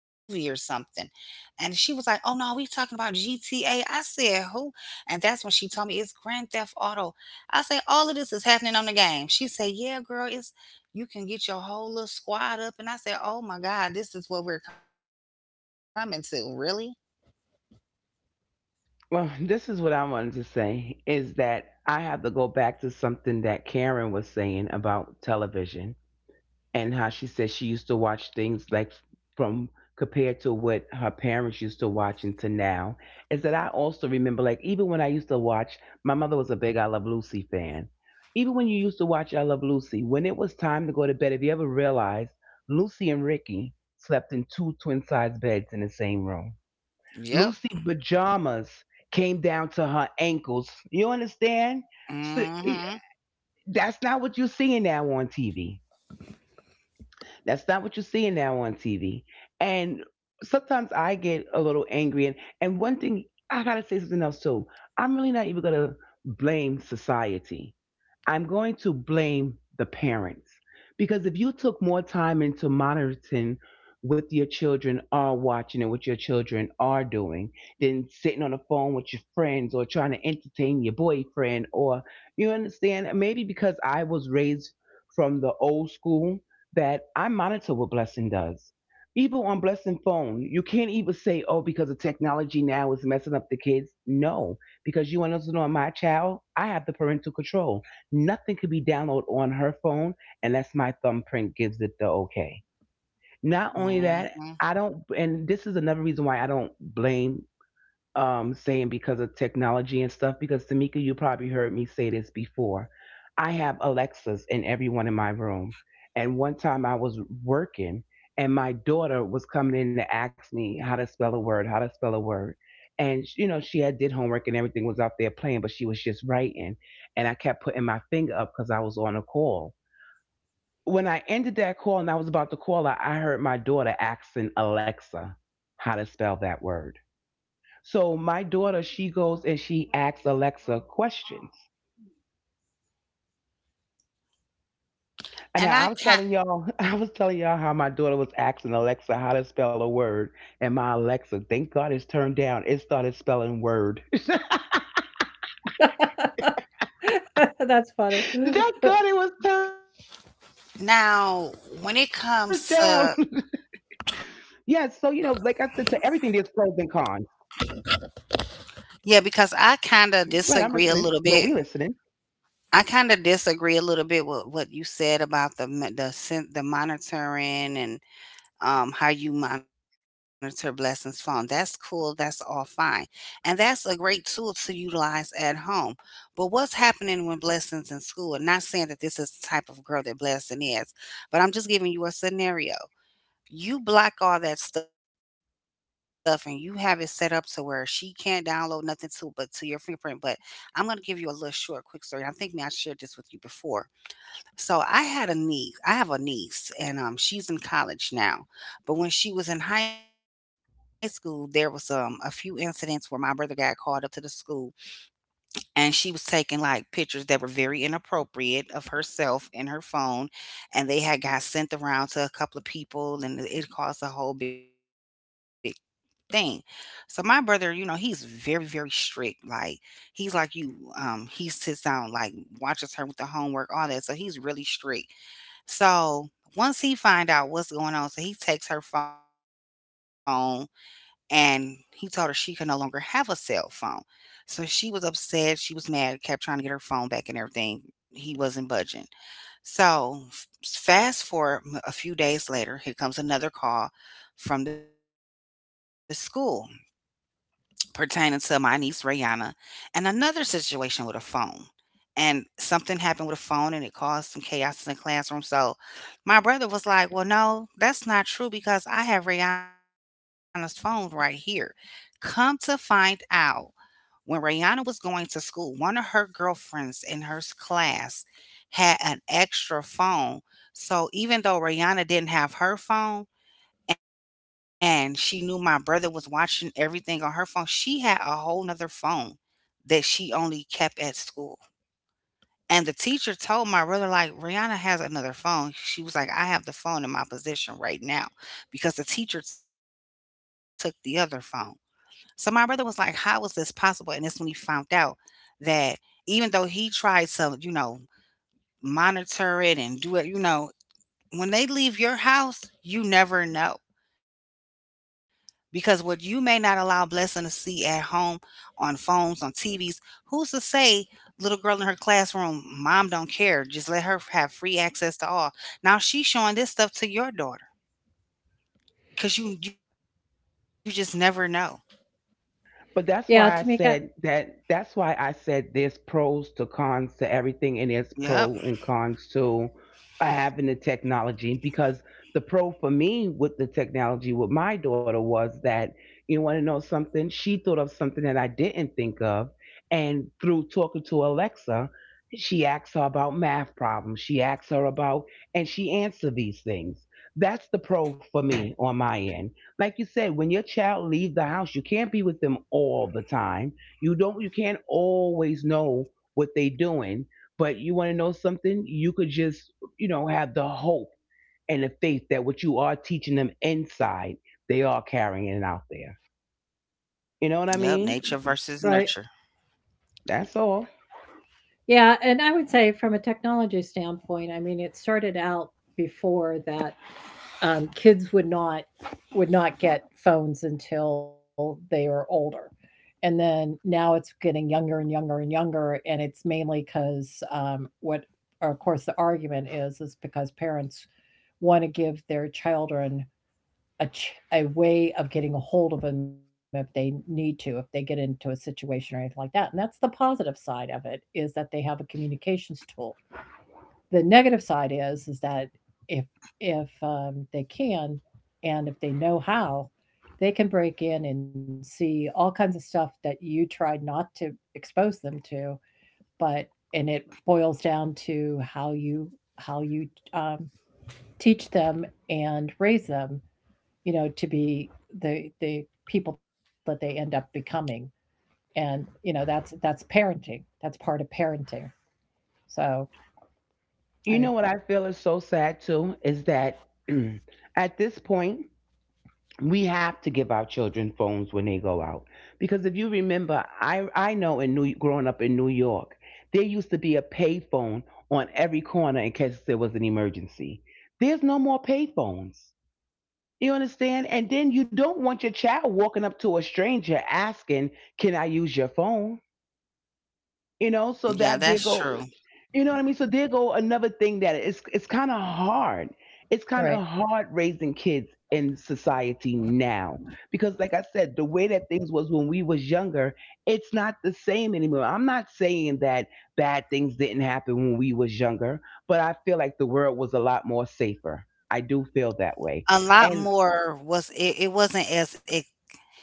Speaker 3: And she was like, oh no, we talking about G T A. I said, who? And that's when she told me it's Grand Theft Auto. I say, all of this is happening on the game. She said, yeah, girl, it's you can get your whole little squad up. And I said, oh my God, this is what we're coming to. Really?
Speaker 2: Well, this is what I wanted to say is that I have to go back to something that Karen was saying about television and how she said she used to watch things like, from compared to what her parents used to watch into now, is that I also remember, like, even when I used to watch, my mother was a big I Love Lucy fan. Even when you used to watch I Love Lucy, when it was time to go to bed, if you ever realized, Lucy and Ricky slept in two twin size beds in the same room.
Speaker 3: Yep.
Speaker 2: Lucy pajamas came down to her ankles. You understand? So,
Speaker 3: Mm
Speaker 2: eh,
Speaker 3: hmm.
Speaker 2: that's not what you're seeing now on T V. That's not what you're seeing now on T V. And sometimes I get a little angry. And, and one thing, I got to say something else too. I'm really not even going to blame society, I'm going to blame the parents, because if you took more time into monitoring what your children are watching and what your children are doing than sitting on the phone with your friends or trying to entertain your boyfriend or, you understand, maybe because I was raised from the old school, that I monitor what blessing does. Even on blessing phone, you can't even say, "Oh, because the technology now is messing up the kids." No, because you want us to know, my child, I have the parental control. Nothing could be downloaded on her phone unless my thumbprint gives it the okay. Not only
Speaker 3: Mm
Speaker 2: that,
Speaker 3: hmm.
Speaker 2: I don't, and this is another reason why I don't blame um, saying because of technology and stuff. Because Tamika, you probably heard me say this before. I have Alexas in everyone in my room. And one time I was working and my daughter was coming in to ask me how to spell a word, how to spell a word. And you know, she had did homework and everything, was out there playing, but she was just writing. And I kept putting my finger up because I was on a call. When I ended that call and I was about to call her, I heard my daughter asking Alexa how to spell that word. So my daughter, she goes and she asks Alexa questions. And
Speaker 3: And
Speaker 2: now
Speaker 3: I
Speaker 2: I was
Speaker 3: can,
Speaker 2: telling y'all, [laughs] I was telling y'all how my daughter was asking Alexa how to spell a word, and my Alexa, thank God it's turned down, it started spelling word. [laughs]
Speaker 1: [laughs] That's funny.
Speaker 2: thank God it was turned down.
Speaker 3: now
Speaker 2: [laughs]
Speaker 3: when it
Speaker 2: yeah. So you
Speaker 3: comes
Speaker 2: know, like
Speaker 3: to,
Speaker 2: I said, to everything there's pros and cons.
Speaker 3: yeah, because I
Speaker 2: Right.
Speaker 3: kind
Speaker 2: I'm
Speaker 3: of
Speaker 2: listening. Well,
Speaker 3: disagree a
Speaker 2: we
Speaker 3: little
Speaker 2: listening.
Speaker 3: bit. I kind of disagree a little bit with what you said about the m- the sen- the monitoring, and um, how you monitor blessings phone. That's cool. That's all fine. And that's a great tool to utilize at home. But what's happening when blessings in school? And not saying that this is the type of girl that blessing is, but I'm just giving you a scenario. You block all that stuff and you have it set up to where she can't download nothing to but to your fingerprint. But I'm gonna give you a little short quick story. And I think me I shared this with you before, so I had a niece. I have a niece, and um, she's in college now. But when she was in high school, there was um a few incidents where my brother got called up to the school, and she was taking like pictures that were very inappropriate of herself in her phone, and they had got sent around to a couple of people, and it caused a whole big thing. So my brother, you know, he's very very strict. Like he's like you. Um, he sits down, like watches her with the homework, all that. So he's really strict. So, once he find out what's going on, so he takes her phone, and he told her she could no longer have a cell phone. So she was upset, she was mad, kept trying to get her phone back and everything. He wasn't budging. So f- fast forward m- a few days later, here comes another call from the school pertaining to my niece Rayanna, and another situation with a phone, and something happened with a phone and it caused some chaos in the classroom. So my brother was like, "Well, no, that's not true, because I have Rihanna's phone right here." Come to find out, when Rihanna was going to school, one of her girlfriends in her s- class had an extra phone. So even though Rihanna didn't have her phone, and she knew my brother was watching everything on her phone, she had a whole nother phone that she only kept at school. And the teacher told my brother, like, "Rihanna has another phone." She was like, "I have the phone in my possession right now, because the teacher took the other phone." So my brother was like, "How is this possible?" And that's when he found out that even though he tried to, you know, monitor it and do it, you know, when they leave your house, you never know. Because what you may not allow blessing to see at home, on phones, on T Vs, who's to say little girl in her classroom, mom don't care, just let her have free access to all. Now she's showing this stuff to your daughter, because you you just never know.
Speaker 2: But
Speaker 1: Yeah,
Speaker 2: that's
Speaker 1: Tamika,
Speaker 2: why I said that. That's why I said there's pros to cons to everything, and there's
Speaker 3: Yep.
Speaker 2: pro and cons to having the technology. Because the pro for me with the technology with my daughter was that, you want to know something, she thought of something that I didn't think of, and through talking to Alexa, she asks her about math problems. She asks her about, and she answers these things. That's the pro for me on my end. Like you said, when your child leaves the house, you can't be with them all the time. You don't you can't always know what they are doing, but you want to know something, you could just, you know, have the hope and the faith that what you are teaching them inside, they are carrying it out there.
Speaker 3: Yep. Nature
Speaker 2: You know what I
Speaker 3: versus
Speaker 2: mean?
Speaker 3: nurture.
Speaker 1: right.
Speaker 2: That's all.
Speaker 1: Yeah, and I would say from a technology standpoint, I mean, it started out before that, um, kids would not, would not get phones until they were older, and then now it's getting younger and younger and younger, and it's mainly because um, what, or of course the argument is is because parents want to give their children a, ch- a way of getting a hold of them if they need to, if they get into a situation or anything like that, and that's the positive side of it, is that they have a communications tool. The negative side is is that if if um, they can, and if they know how, they can break in and see all kinds of stuff that you tried not to expose them to. But and it boils down to how you, how you, um, teach them and raise them, you know, to be the the people that they end up becoming. And you know, that's that's parenting, that's part of parenting, so. I
Speaker 2: You
Speaker 1: mean,
Speaker 2: know what I feel is so sad too is that [clears throat] at this point we have to give our children phones when they go out because if you remember i i know in new growing up in new york there used to be a pay phone on every corner in case there was an emergency. There's no more pay phones, you understand, and then you don't want your child walking up to a stranger asking, can I use your phone?
Speaker 3: Yeah,
Speaker 2: you know
Speaker 3: that's
Speaker 2: so that
Speaker 3: true.
Speaker 2: did go. You know what I mean so there go another thing that it's it's kind of hard. It's kind
Speaker 1: right.
Speaker 2: of hard raising kids in society now because like I said the way that things was when we was younger it's not the same anymore. I'm not saying that bad things didn't happen when we was younger, but I feel like the world was a lot more safer. I do feel that way.
Speaker 3: A lot
Speaker 2: And
Speaker 3: more was it, it wasn't as e-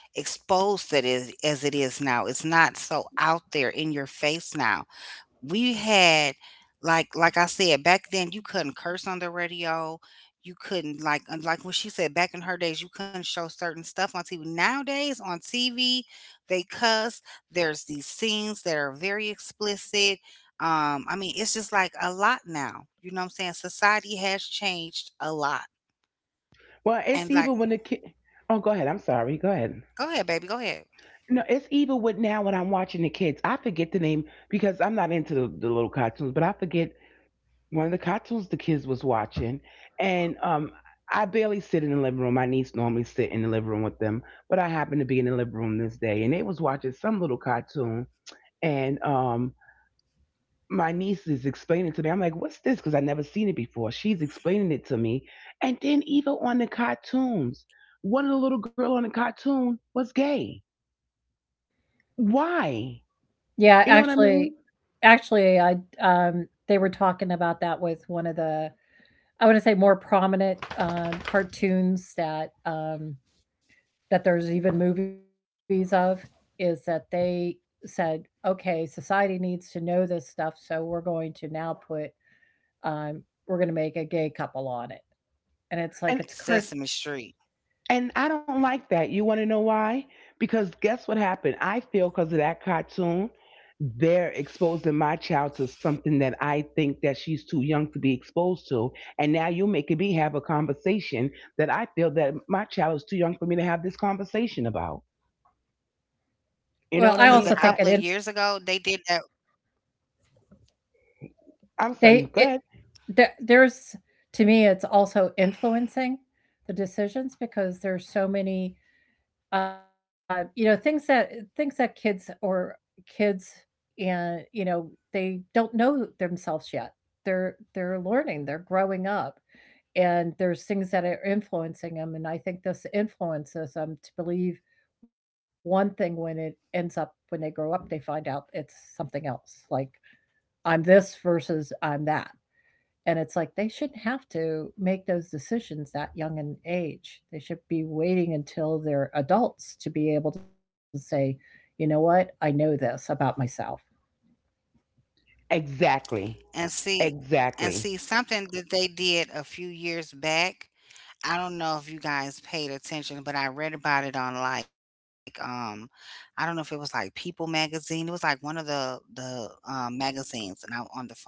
Speaker 3: exposed that it, as it is now. It's not so out there in your face now. We had, like like I said, back then you couldn't curse on the radio. You couldn't, like, and like what she said, back in her days, you couldn't show certain stuff on T V. Nowadays on T V, they cuss. There's these scenes that are very explicit. Um, I mean, it's just like a lot now. You know what I'm saying? Society has changed a lot.
Speaker 2: well, it's
Speaker 3: And
Speaker 2: even
Speaker 3: like,
Speaker 2: when the kid. Oh, go ahead. I'm sorry. Go ahead.
Speaker 3: go ahead, baby, go ahead.
Speaker 2: No, it's even with now when I'm watching the kids. I forget the name because I'm not into the, the little cartoons, but I forget one of the cartoons the kids was watching, and um, I barely sit in the living room. My niece normally sit in the living room with them, but I happened to be in the living room this day, and they was watching some little cartoon, and um, my niece is explaining to me. I'm like, "What's this?" Because I never seen it before. She's explaining it to me, and then even on the cartoons, one of the little girl on the cartoon was gay. Why?
Speaker 1: Yeah,
Speaker 2: You know what I
Speaker 1: actually,
Speaker 2: mean?
Speaker 1: actually, I um, they were talking about that with one of the, I wanna say more prominent, um, cartoons that, um, that there's even movies of, is that they said, "Okay, society needs to know this stuff, so we're going to now put, um we're gonna make a gay couple on it." And it's like, it's
Speaker 2: And
Speaker 1: a cart.
Speaker 3: Sesame Street.
Speaker 2: And I don't like that. You want to know why? Because guess what happened? I feel because of that cartoon, they're exposing my child to something that I think that she's too young to be exposed to. And now you're making me have a conversation that I feel that my child is too young for me to have this conversation about.
Speaker 3: Because a
Speaker 1: Well, I
Speaker 3: couple of
Speaker 2: You
Speaker 1: also
Speaker 2: know
Speaker 3: years
Speaker 2: what I
Speaker 1: think it
Speaker 3: ago,
Speaker 2: mean?
Speaker 1: in.
Speaker 3: they
Speaker 2: I
Speaker 3: did that.
Speaker 2: I'm
Speaker 1: They
Speaker 2: sorry. Go
Speaker 1: it
Speaker 2: ahead.
Speaker 1: the there's, to me, it's also influencing the decisions because there's so many, uh, you know, things that, things that kids or kids and, you know, they don't know themselves yet. They're they're learning, they're growing up, and there's things that are influencing them, and I think this influences them to believe one thing when it ends up when they grow up, they find out it's something else, like, "I'm this versus I'm that." And it's like they shouldn't have to make those decisions that young in age. They should be waiting until they're adults to be able to say, you know what, I know this about myself.
Speaker 2: Exactly.
Speaker 3: And see, and
Speaker 2: Exactly.
Speaker 3: see something that they did a few years back. I don't know if you guys paid attention, but I read about it on like um I don't know if it was like People magazine. It was like one of the the um, magazines and I on the phone.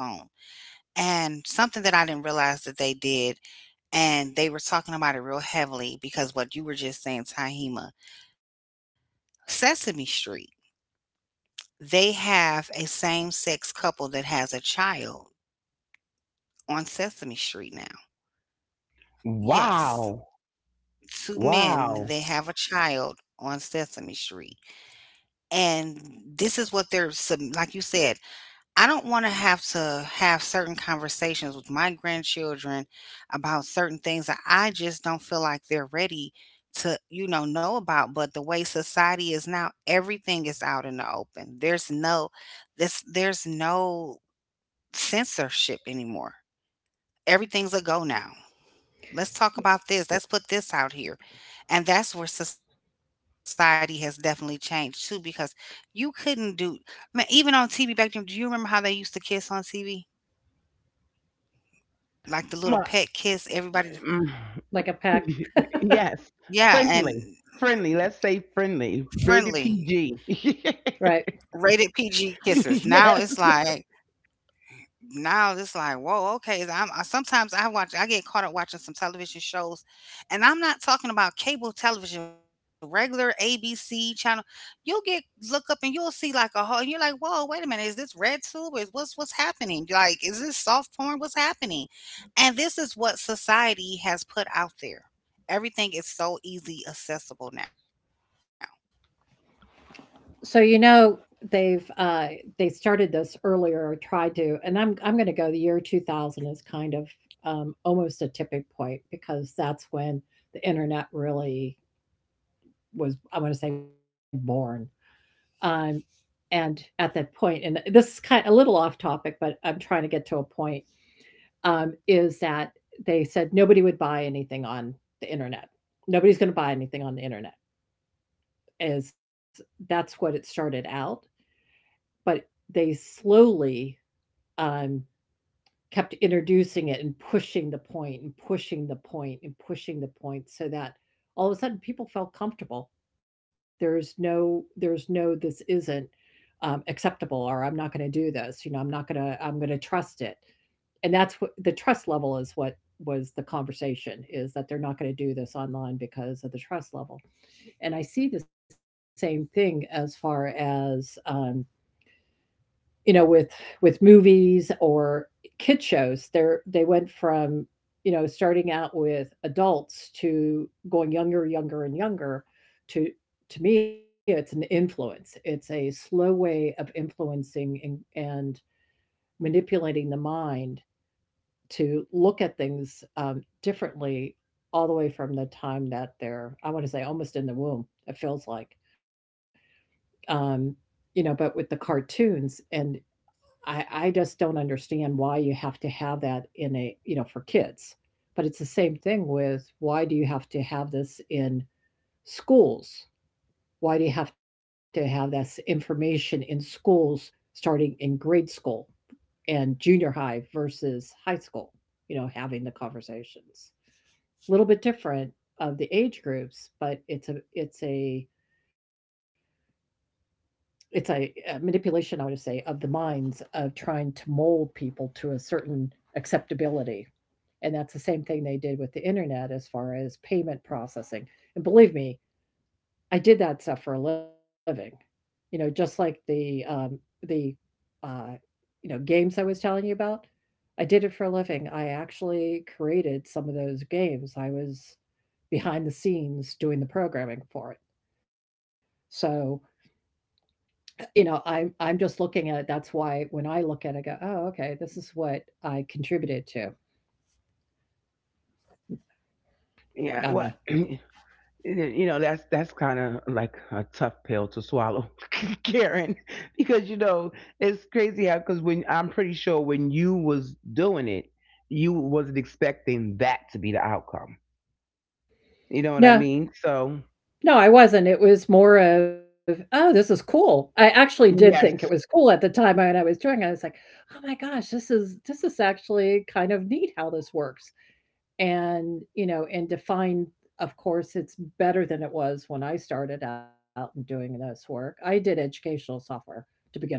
Speaker 3: And something that I didn't realize that they did, and they were talking about it real heavily because what you were just saying, Tahima, Sesame Street. They have a same sex couple that has a child on Sesame Street now. Yes.
Speaker 2: Wow.
Speaker 3: Two men,
Speaker 2: Wow.
Speaker 3: they have a child on Sesame Street, and this is what they're sub, like you said, I don't wanna have to have certain conversations with my grandchildren about certain things that I just don't feel like they're ready to, you know, know about, but the way society is now, everything is out in the open. There's no this there's no censorship anymore. Everything's a go now. "Let's talk about this. Let's put this out here." And that's where society has definitely changed too, because you couldn't do, man, even on T V back then, do you remember how they used to kiss on T V? Like the little
Speaker 2: My,
Speaker 3: pet kiss, everybody.
Speaker 2: mm.
Speaker 1: Like a
Speaker 2: [laughs]
Speaker 1: pack,
Speaker 2: Yes,
Speaker 3: Yeah,
Speaker 2: friendly,
Speaker 3: and
Speaker 2: friendly. Let's say friendly, rated
Speaker 3: friendly,
Speaker 2: P G. [laughs]
Speaker 1: right?
Speaker 3: rated P G kisses. Now
Speaker 2: Yes,
Speaker 3: it's like now it's like whoa, okay is i'm I, Sometimes I watch, I get caught up watching some television shows, and I'm not talking about cable television, regular ABC channel. You'll get, look up, and you'll see like a whole, you're like, whoa, wait a minute, is this Redtube? Is what's what's happening, like, is this soft porn? What's happening? And this is what society has put out there. Everything is so easy accessible now.
Speaker 1: So you know, they've uh they started this earlier or tried to, and I'm I'm going to go the year two thousand is kind of um almost a tipping point because that's when the internet really was, I want to say, born. Um and at that point, and this is kind a little off topic, but I'm trying to get to a point, um is that they said nobody would buy anything on the internet. Nobody's going to buy anything on the internet. Is that's what it started out, but they slowly, um, kept introducing it and pushing the point and pushing the point and pushing the point, so that all of a sudden people felt comfortable. There's no there's no this isn't um, acceptable, or I'm not going to do this, you know, I'm not going to, I'm going to trust it. And that's what the trust level is, what was the conversation, is that they're not going to do this online because of the trust level. And I see the same thing as far as um, you know, with with movies or kid shows, they're, they went from, you know, starting out with adults to going younger, younger and younger, to to me, it's an influence, it's a slow way of influencing and, and manipulating the mind to look at things um, differently, all the way from the time that they're, I want to say, almost in the womb, it feels like. um, you know, but with the cartoons and I, I just don't understand why you have to have that in a, you know, for kids. But it's the same thing with why do you have to have this in schools? Why do you have to have this information in schools starting in grade school and junior high versus high school? You know, having the conversations. A little bit different of the age groups, but it's a, it's a, it's a, a manipulation, I want to say, of the minds of trying to mold people to a certain acceptability. And that's the same thing they did with the internet as far as payment processing. And believe me, I did that stuff for a living. You know, just like the um, the uh, you know, games I was telling you about. I did it for a living. I actually created some of those games. I was behind the scenes doing the programming for it. So, you know, I'm I'm just looking at it, that's why when I look at it, I go, "Oh, okay, this is what I contributed to."
Speaker 2: yeah.
Speaker 1: I don't know.
Speaker 2: What? [clears throat] You know, that's that's kind of like a tough pill to swallow, [laughs] Karen, because you know it's crazy how because when I'm pretty sure when you was doing it, you wasn't expecting that to be the outcome. You know what I
Speaker 1: No,
Speaker 2: mean? So
Speaker 1: no, I wasn't, it was more of, "Oh, this is cool." I actually did think it was
Speaker 2: yes.
Speaker 1: cool at the time when I was doing it, I was like, "Oh my gosh, this is, this is actually kind of neat how this works." And, you know, and to find, of course, it's better than it was when I started out and doing this work. I did educational software to begin with.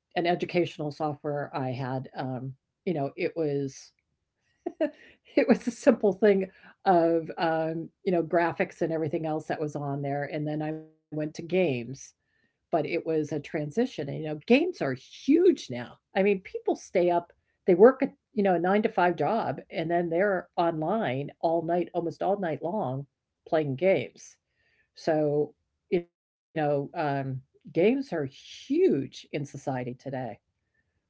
Speaker 1: An educational software I had. Um, you know, it was, [laughs] it was a simple thing of um, you know, graphics and everything else that was on there, and then I went to games. But it was a transition, and you know, games are huge now. I mean, people stay up, they work at, you know, a nine to five job, and then they're online all night, almost all night long, playing games. So you know, um, games are huge in society today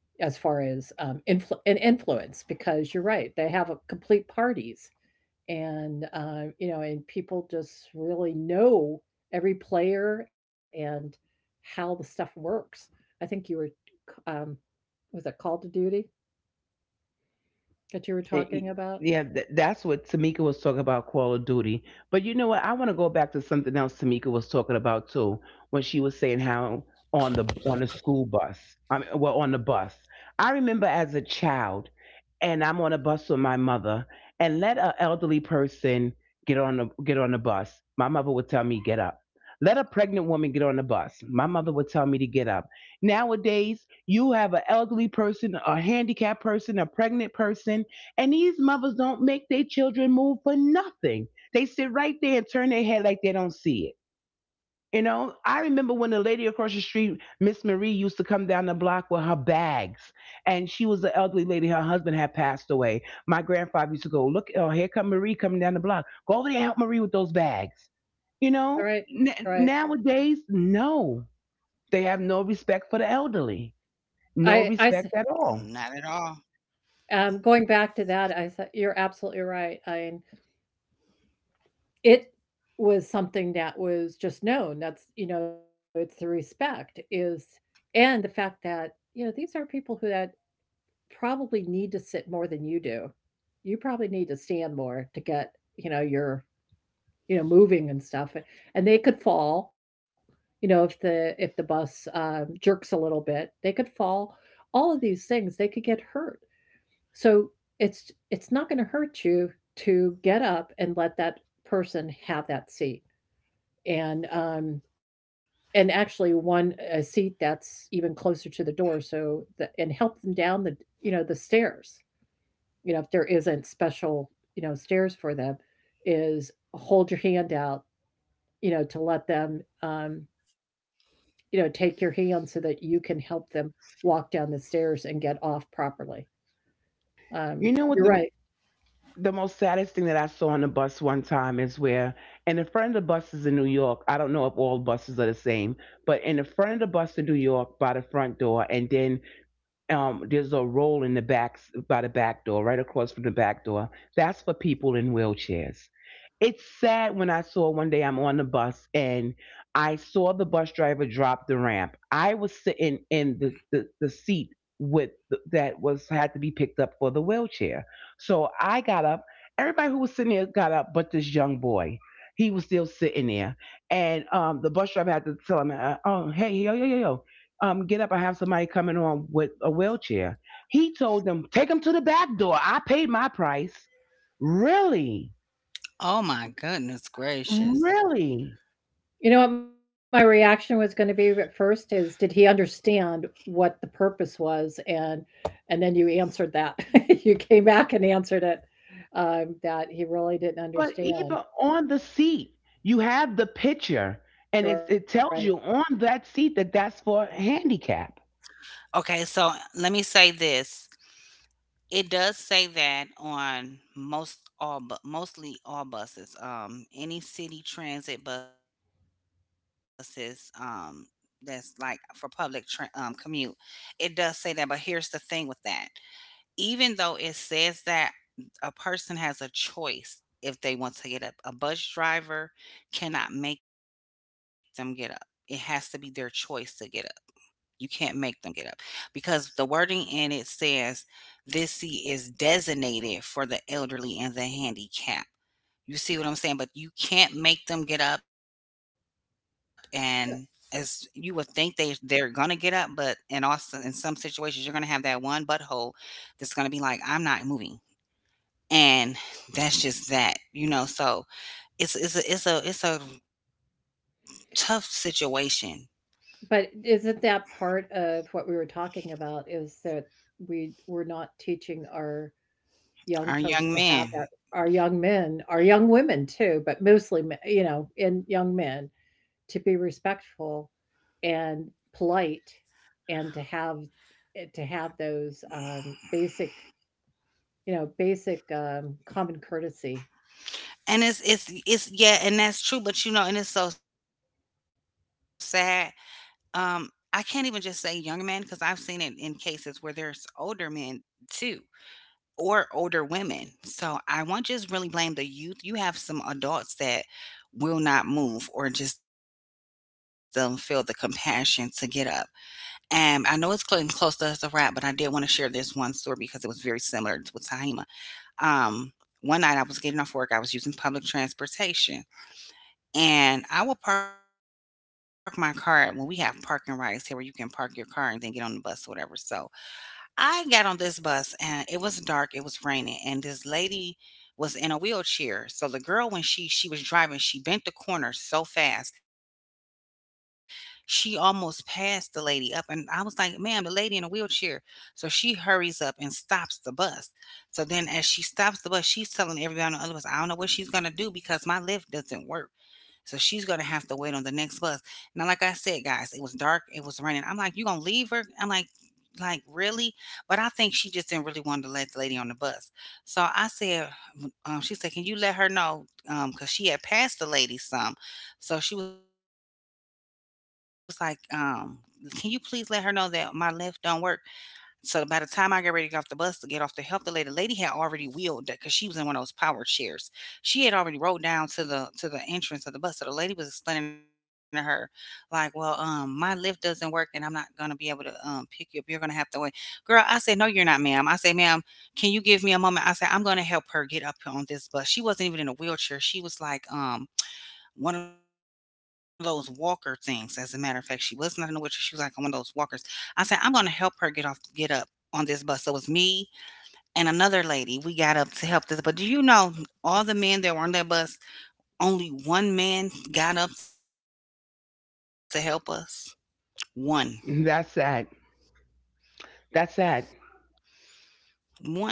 Speaker 1: as far as um, influ- and influence because you're right, they have a complete parties. And uh, you know, and people just really know every player and how the stuff works. I think you were um, was it call to duty that you were
Speaker 2: Eh, eh,
Speaker 1: talking about?
Speaker 2: Yeah, th- that's what Tamika was talking about, Call of Duty. But you know what? I want to go back to something else Tamika was talking about too, when she was saying how on the on the school bus, I mean, well, on the bus. I remember as a child, and I'm on a bus with my mother, and let an elderly person get on the get on the bus. My mother would tell me get up. Let a pregnant woman get on the bus. My mother would tell me to get up. Nowadays, you have an elderly person, a handicapped person, a pregnant person and these mothers don't make their children move for nothing. They sit right there and turn their head like they don't see it. You know, I remember when the lady across the street, Miss Marie, used to come down the block with her bags, and she was an elderly lady. Her husband had passed away. My grandfather used to go, "Look, oh, here come Marie coming down the block. Go over there and help Marie with those bags." You
Speaker 1: All
Speaker 2: know,
Speaker 1: right,
Speaker 2: N-
Speaker 1: all right.
Speaker 2: nowadays, no, they have no respect for the elderly,
Speaker 1: i
Speaker 2: no
Speaker 1: i s-
Speaker 3: Not
Speaker 2: respect
Speaker 3: at
Speaker 2: at
Speaker 3: all.
Speaker 2: all.
Speaker 1: um, Going back to that, I thought you're absolutely right. I It was something that was just known. That's, you know, it's the respect is, and the fact that, you know, these are people who that probably need to sit more than you do. You probably need to stand more to get, you know, your, you know, moving and stuff. And they could fall, you know, if the if the bus um, jerks a little bit, they could fall. All of these things, they could get hurt. So it's it's not going to hurt you to get up and let that person have that seat. And um and actually one a seat that's even closer to the door, so the, and help them down the, you know, the stairs, you know, if there isn't special, you know, stairs for them, is hold your hand out, you know, to let them, um you know, take your hand so that you can help them walk down the stairs and get off properly. um
Speaker 2: You know
Speaker 1: you're
Speaker 2: what the
Speaker 1: right.
Speaker 2: the most saddest thing that I saw on the bus one time is where, and in front of the buses in New York, I don't know if all buses are the same, but in the front of the bus in New York by the front door, and then um, there's a roll in the back by the back door, right across from the back door. That's for people in wheelchairs. It's sad when I saw one day I'm on the bus and I saw the bus driver drop the ramp. I was sitting in the, the, the seat with that was had to be picked up for the wheelchair. So I got up. Everybody who was sitting there got up, but this young boy. He was still sitting there, and um, the bus driver had to tell him, uh, "Oh, hey, yo, yo, yo, yo." Um, get up. I have somebody coming on with a wheelchair. He told them, take him to the back door. I paid my price. Really?
Speaker 3: Oh my goodness gracious.
Speaker 2: Really?
Speaker 1: You know what my reaction was gonna be at first is, did he understand what the purpose was? And and then you answered that. [laughs] You came back and answered it, um, that he really didn't
Speaker 2: But even
Speaker 1: understand,
Speaker 2: on the seat, you have the picture and it,
Speaker 1: right?
Speaker 2: it tells you on that seat that that's for handicap.
Speaker 3: Okay, so let me say this. It does say that on most all, but mostly all buses. Um, any city transit buses, um, that's like for public tra- um, commute. It does say that, but here's the thing with that. Even though it says that, a person has a choice. If they want to get up, a bus driver cannot make them get up. It has to be their choice to get up. You can't make them get up, because the wording in it says this seat is designated for the elderly and the handicapped. You see what I'm saying? But you can't make them get up, and as you would think, they they're gonna get up, but in all s- in some situations you're gonna have that one butthole that's gonna be like, "I'm not moving." And that's just that, you know. So it's it's a it's a it's a tough situation.
Speaker 1: But isn't that part of what we were talking about is that we we're not teaching our young
Speaker 3: Our
Speaker 1: folks
Speaker 3: young
Speaker 1: to have
Speaker 3: man.
Speaker 1: that, our young men, our young women too, but mostly, me, you know, in young men, to be respectful and polite and to have eh, to have those um, basic, you know, basic um, common courtesy.
Speaker 3: And it's it's it's yeah, and that's true, but, you know, and it's so sad, um, I can't even just say young men, because 'cause I've seen it in cases where there's older men too, or older women, so I won't just really blame the youth. You have some adults that will not move or just don't feel the compassion to get up, and I know it's getting close to us to wrap, but I did wanna share this one story because it was very similar to with Tahima. Um, One night I was getting off work, I was using public transportation, and I will park my car at- well, we have parking rights here where you can park your car and then get on the bus or whatever. So I got on this bus and it was dark, it was raining, and this lady was in a wheelchair. So the girl, when she she was driving, she bent the corner so fast. She almost passed the lady up, and I was like, "Ma'am, the lady in the wheelchair." So she hurries up and stops the bus. So then as she stops the bus, she's telling everybody on the other bus, "I don't know what she's going to do because my lift doesn't work." So she's gonna have to wait on the next bus. Now, like I said, guys, it was dark, it was raining. I'm like, you gonna leave her? I'm like, like really? But I think she just didn't really want to let the lady on the bus. So I said, um, she said, can you let her know? Um, cause she had passed the lady some. So she was like, um, can you please let her know that my lift don't work? So by the time I got ready to get off the bus to get off to help the lady, the lady had already wheeled because she was in one of those power chairs. She had already rolled down to the to the entrance of the bus. So the lady was explaining to her, like, "Well, um, my lift doesn't work, and I'm not gonna be able to um pick you up. You're gonna have to wait." Girl, I said, "No, you're not, ma'am." I said, "Ma'am, can you give me a moment?" I said, "I'm gonna help her get up on this bus." She wasn't even in a wheelchair. She was like, um one of those walker things. As a matter of fact, she was not in a wheelchair. She was like on one of those walkers. I said, I'm going to help her get off, get up on this bus. So it was me and another lady. We got up to help this. But do you know all the men that were on that bus? Only one man got up to help us. One,
Speaker 2: That's sad. That's sad.
Speaker 3: one.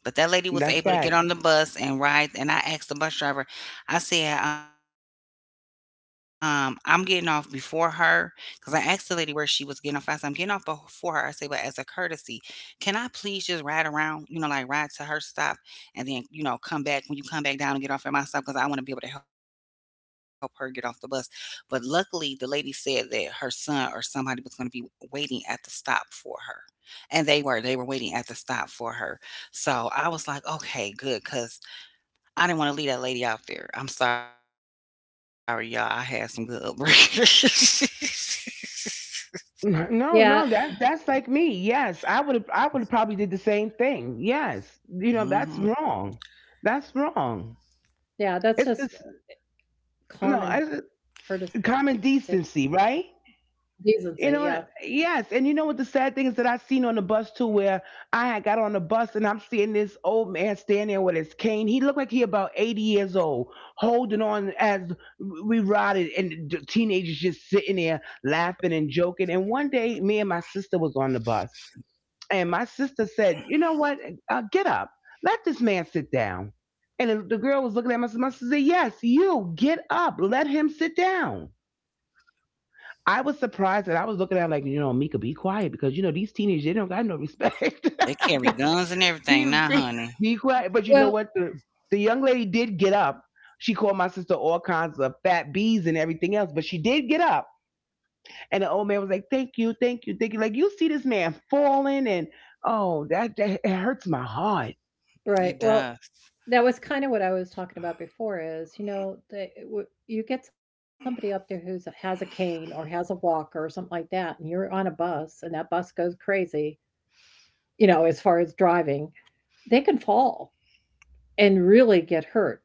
Speaker 3: But that lady was
Speaker 2: That's
Speaker 3: able to get
Speaker 2: sad.
Speaker 3: on the bus and ride. And I asked the bus driver, I said, um, I'm getting off before her. Because I asked the lady where she was getting off. I said, I'm getting off before her. I said, but as a courtesy, can I please just ride around, you know, like ride to her stop and then, you know, come back when you come back down and get off at my stop? Because I want to be able to help her get off the bus. But luckily, the lady said that her son or somebody was going to be waiting at the stop for her. And they were. They were waiting at the stop for her. So I was like, okay, good, because I didn't want to leave that lady out there. I'm sorry, y'all. I had some good upbringing. [laughs]
Speaker 2: N- No,
Speaker 1: Yeah.
Speaker 2: no, that that's like me. Yes, I would I would have probably did the same thing. Yes, you know that's
Speaker 3: Hmm.
Speaker 2: wrong. That's wrong.
Speaker 1: Yeah, that's
Speaker 2: It's
Speaker 1: just
Speaker 2: just no
Speaker 1: common
Speaker 2: it's
Speaker 1: courtesy.
Speaker 2: common decency, right?
Speaker 1: Decency, yeah.
Speaker 2: You know, and- yes, and you know what the sad thing is that I seen on the bus too, where I had got on the bus and I'm seeing this old man standing there with his cane. He looked like he about eighty years old, holding on as we rotted, and the teenagers just sitting there laughing and joking. And one day, me and my sister was on the bus And my sister said, you know what? Uh, get up. Let this man sit down. And the the girl was looking at my sister. My sister said, yes, you get up. Let him sit down. I was surprised that I was looking at her like, you know, Mika, be quiet because, you know, these teenagers, they don't got no respect.
Speaker 3: They carry
Speaker 2: [laughs]
Speaker 3: guns and everything
Speaker 2: be,
Speaker 3: now,
Speaker 2: be,
Speaker 3: honey.
Speaker 2: be quiet. But you know
Speaker 1: Well,
Speaker 2: what? The, the young lady did get up. She called my sister all kinds of fat bees and everything else, but she did get up. And the old man was like, Thank you, thank you, thank you. Like, you see this man falling, and oh, that, that it hurts my heart.
Speaker 1: right,
Speaker 3: It
Speaker 1: well,
Speaker 3: does.
Speaker 1: that was kind of what I was talking about before is, you know, the, eh, w- you get somebody up there who's has a cane or has a walker or something like that, and you're on a bus and that bus goes crazy, you know, as far as driving, they can fall and really get hurt.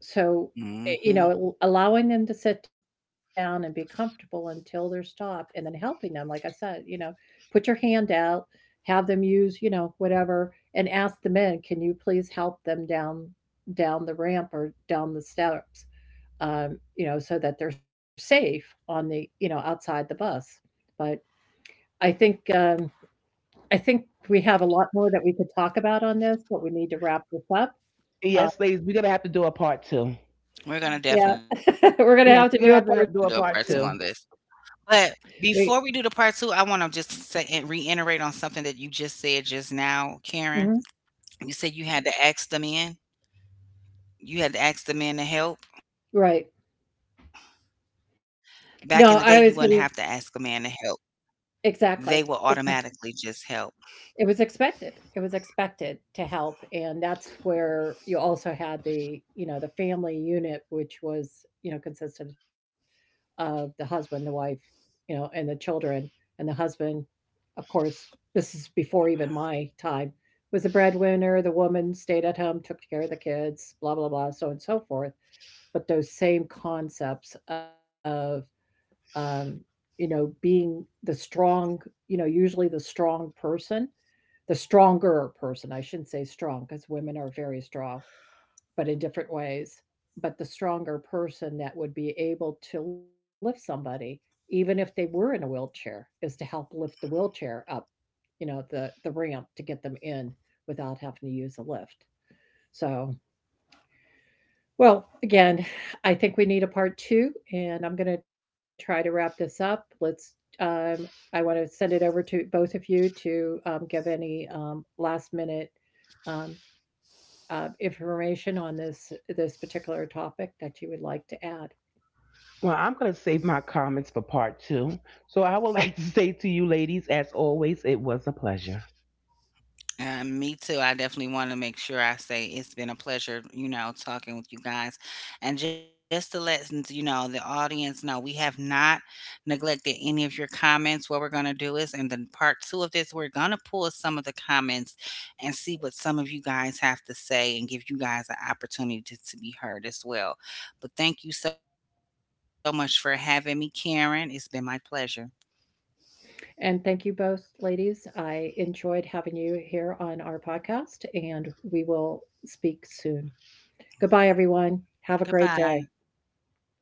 Speaker 1: So, eh, you know,
Speaker 3: Hmm.
Speaker 1: l- allowing them to sit down and be comfortable until they're stopped and then helping them, like I said, you know, put your hand out, have them use, you know, whatever, and ask the men, can you please help them down, down the ramp or down the steps? Um, you know, so that they're safe on the, you know, outside the bus. But I think um I think we have a lot more that we could talk about on this, but we need to wrap this up. Uh,
Speaker 2: Yes, ladies, we're gonna have to do a part two.
Speaker 3: We're going to
Speaker 1: Yeah.
Speaker 3: definitely do a part two
Speaker 1: [laughs]
Speaker 3: on
Speaker 1: We're gonna
Speaker 3: this.
Speaker 2: Yes,
Speaker 1: have to
Speaker 2: we're gonna
Speaker 1: do a
Speaker 2: have to
Speaker 1: part
Speaker 2: have- do
Speaker 3: But
Speaker 2: a
Speaker 1: two.
Speaker 2: part two.
Speaker 3: before we do the part two, I want to just
Speaker 1: We,
Speaker 3: say and reiterate on something that you just said just now, Karen. You said you had
Speaker 1: mhm,
Speaker 3: to ask the men. You had to ask the men to help.
Speaker 1: right.
Speaker 3: Back in the day, you wouldn't have to ask a man
Speaker 1: No,
Speaker 3: to
Speaker 1: I
Speaker 3: help.
Speaker 1: was gonna,
Speaker 3: They will automatically
Speaker 1: exactly,
Speaker 3: just
Speaker 1: because
Speaker 3: help.
Speaker 1: it was expected. It was expected to help, and that's where you also had the, you know, the family unit, which was, you know, consisted of the husband, the wife, you know, and the children, and the husband, of course, this is before even my time, was the breadwinner, the woman stayed at home, took care of the kids, blah, blah, blah, so on and so forth. But those same concepts of um, you know, being the strong, you know, usually the strong person, the stronger person. I shouldn't say strong because women are very strong, but in different ways. But the stronger person that would be able to lift somebody, even if they were in a wheelchair, is to help lift the wheelchair up, you know, the the ramp to get them in without having to use a lift. So, well, again, I think we need a part two, and I'm going to try to wrap this up. Let's. Um, I want to send it over to both of you to um, give any um, last minute um, uh, information on this this particular topic that you would like to add.
Speaker 2: Well, I'm gonna save my comments for part two. So I would like to [laughs] say to you, ladies, as always, it was a pleasure.
Speaker 3: Uh, me too. I definitely want to make sure I say it's been a pleasure, you know, talking with you guys. And just to let, s- you know, the audience know, we have not neglected any of your comments. What we're going to do is in the part two of this, we're going to pull some of the comments and see what some of you guys have to say and give you guys an opportunity to, to be heard as well. But thank you so much for having me, Karen. It's been my pleasure.
Speaker 1: And thank you both, ladies. I enjoyed having you here on our podcast, and we will speak soon. Goodbye, everyone. Have a great day.
Speaker 3: Goodbye. Good night.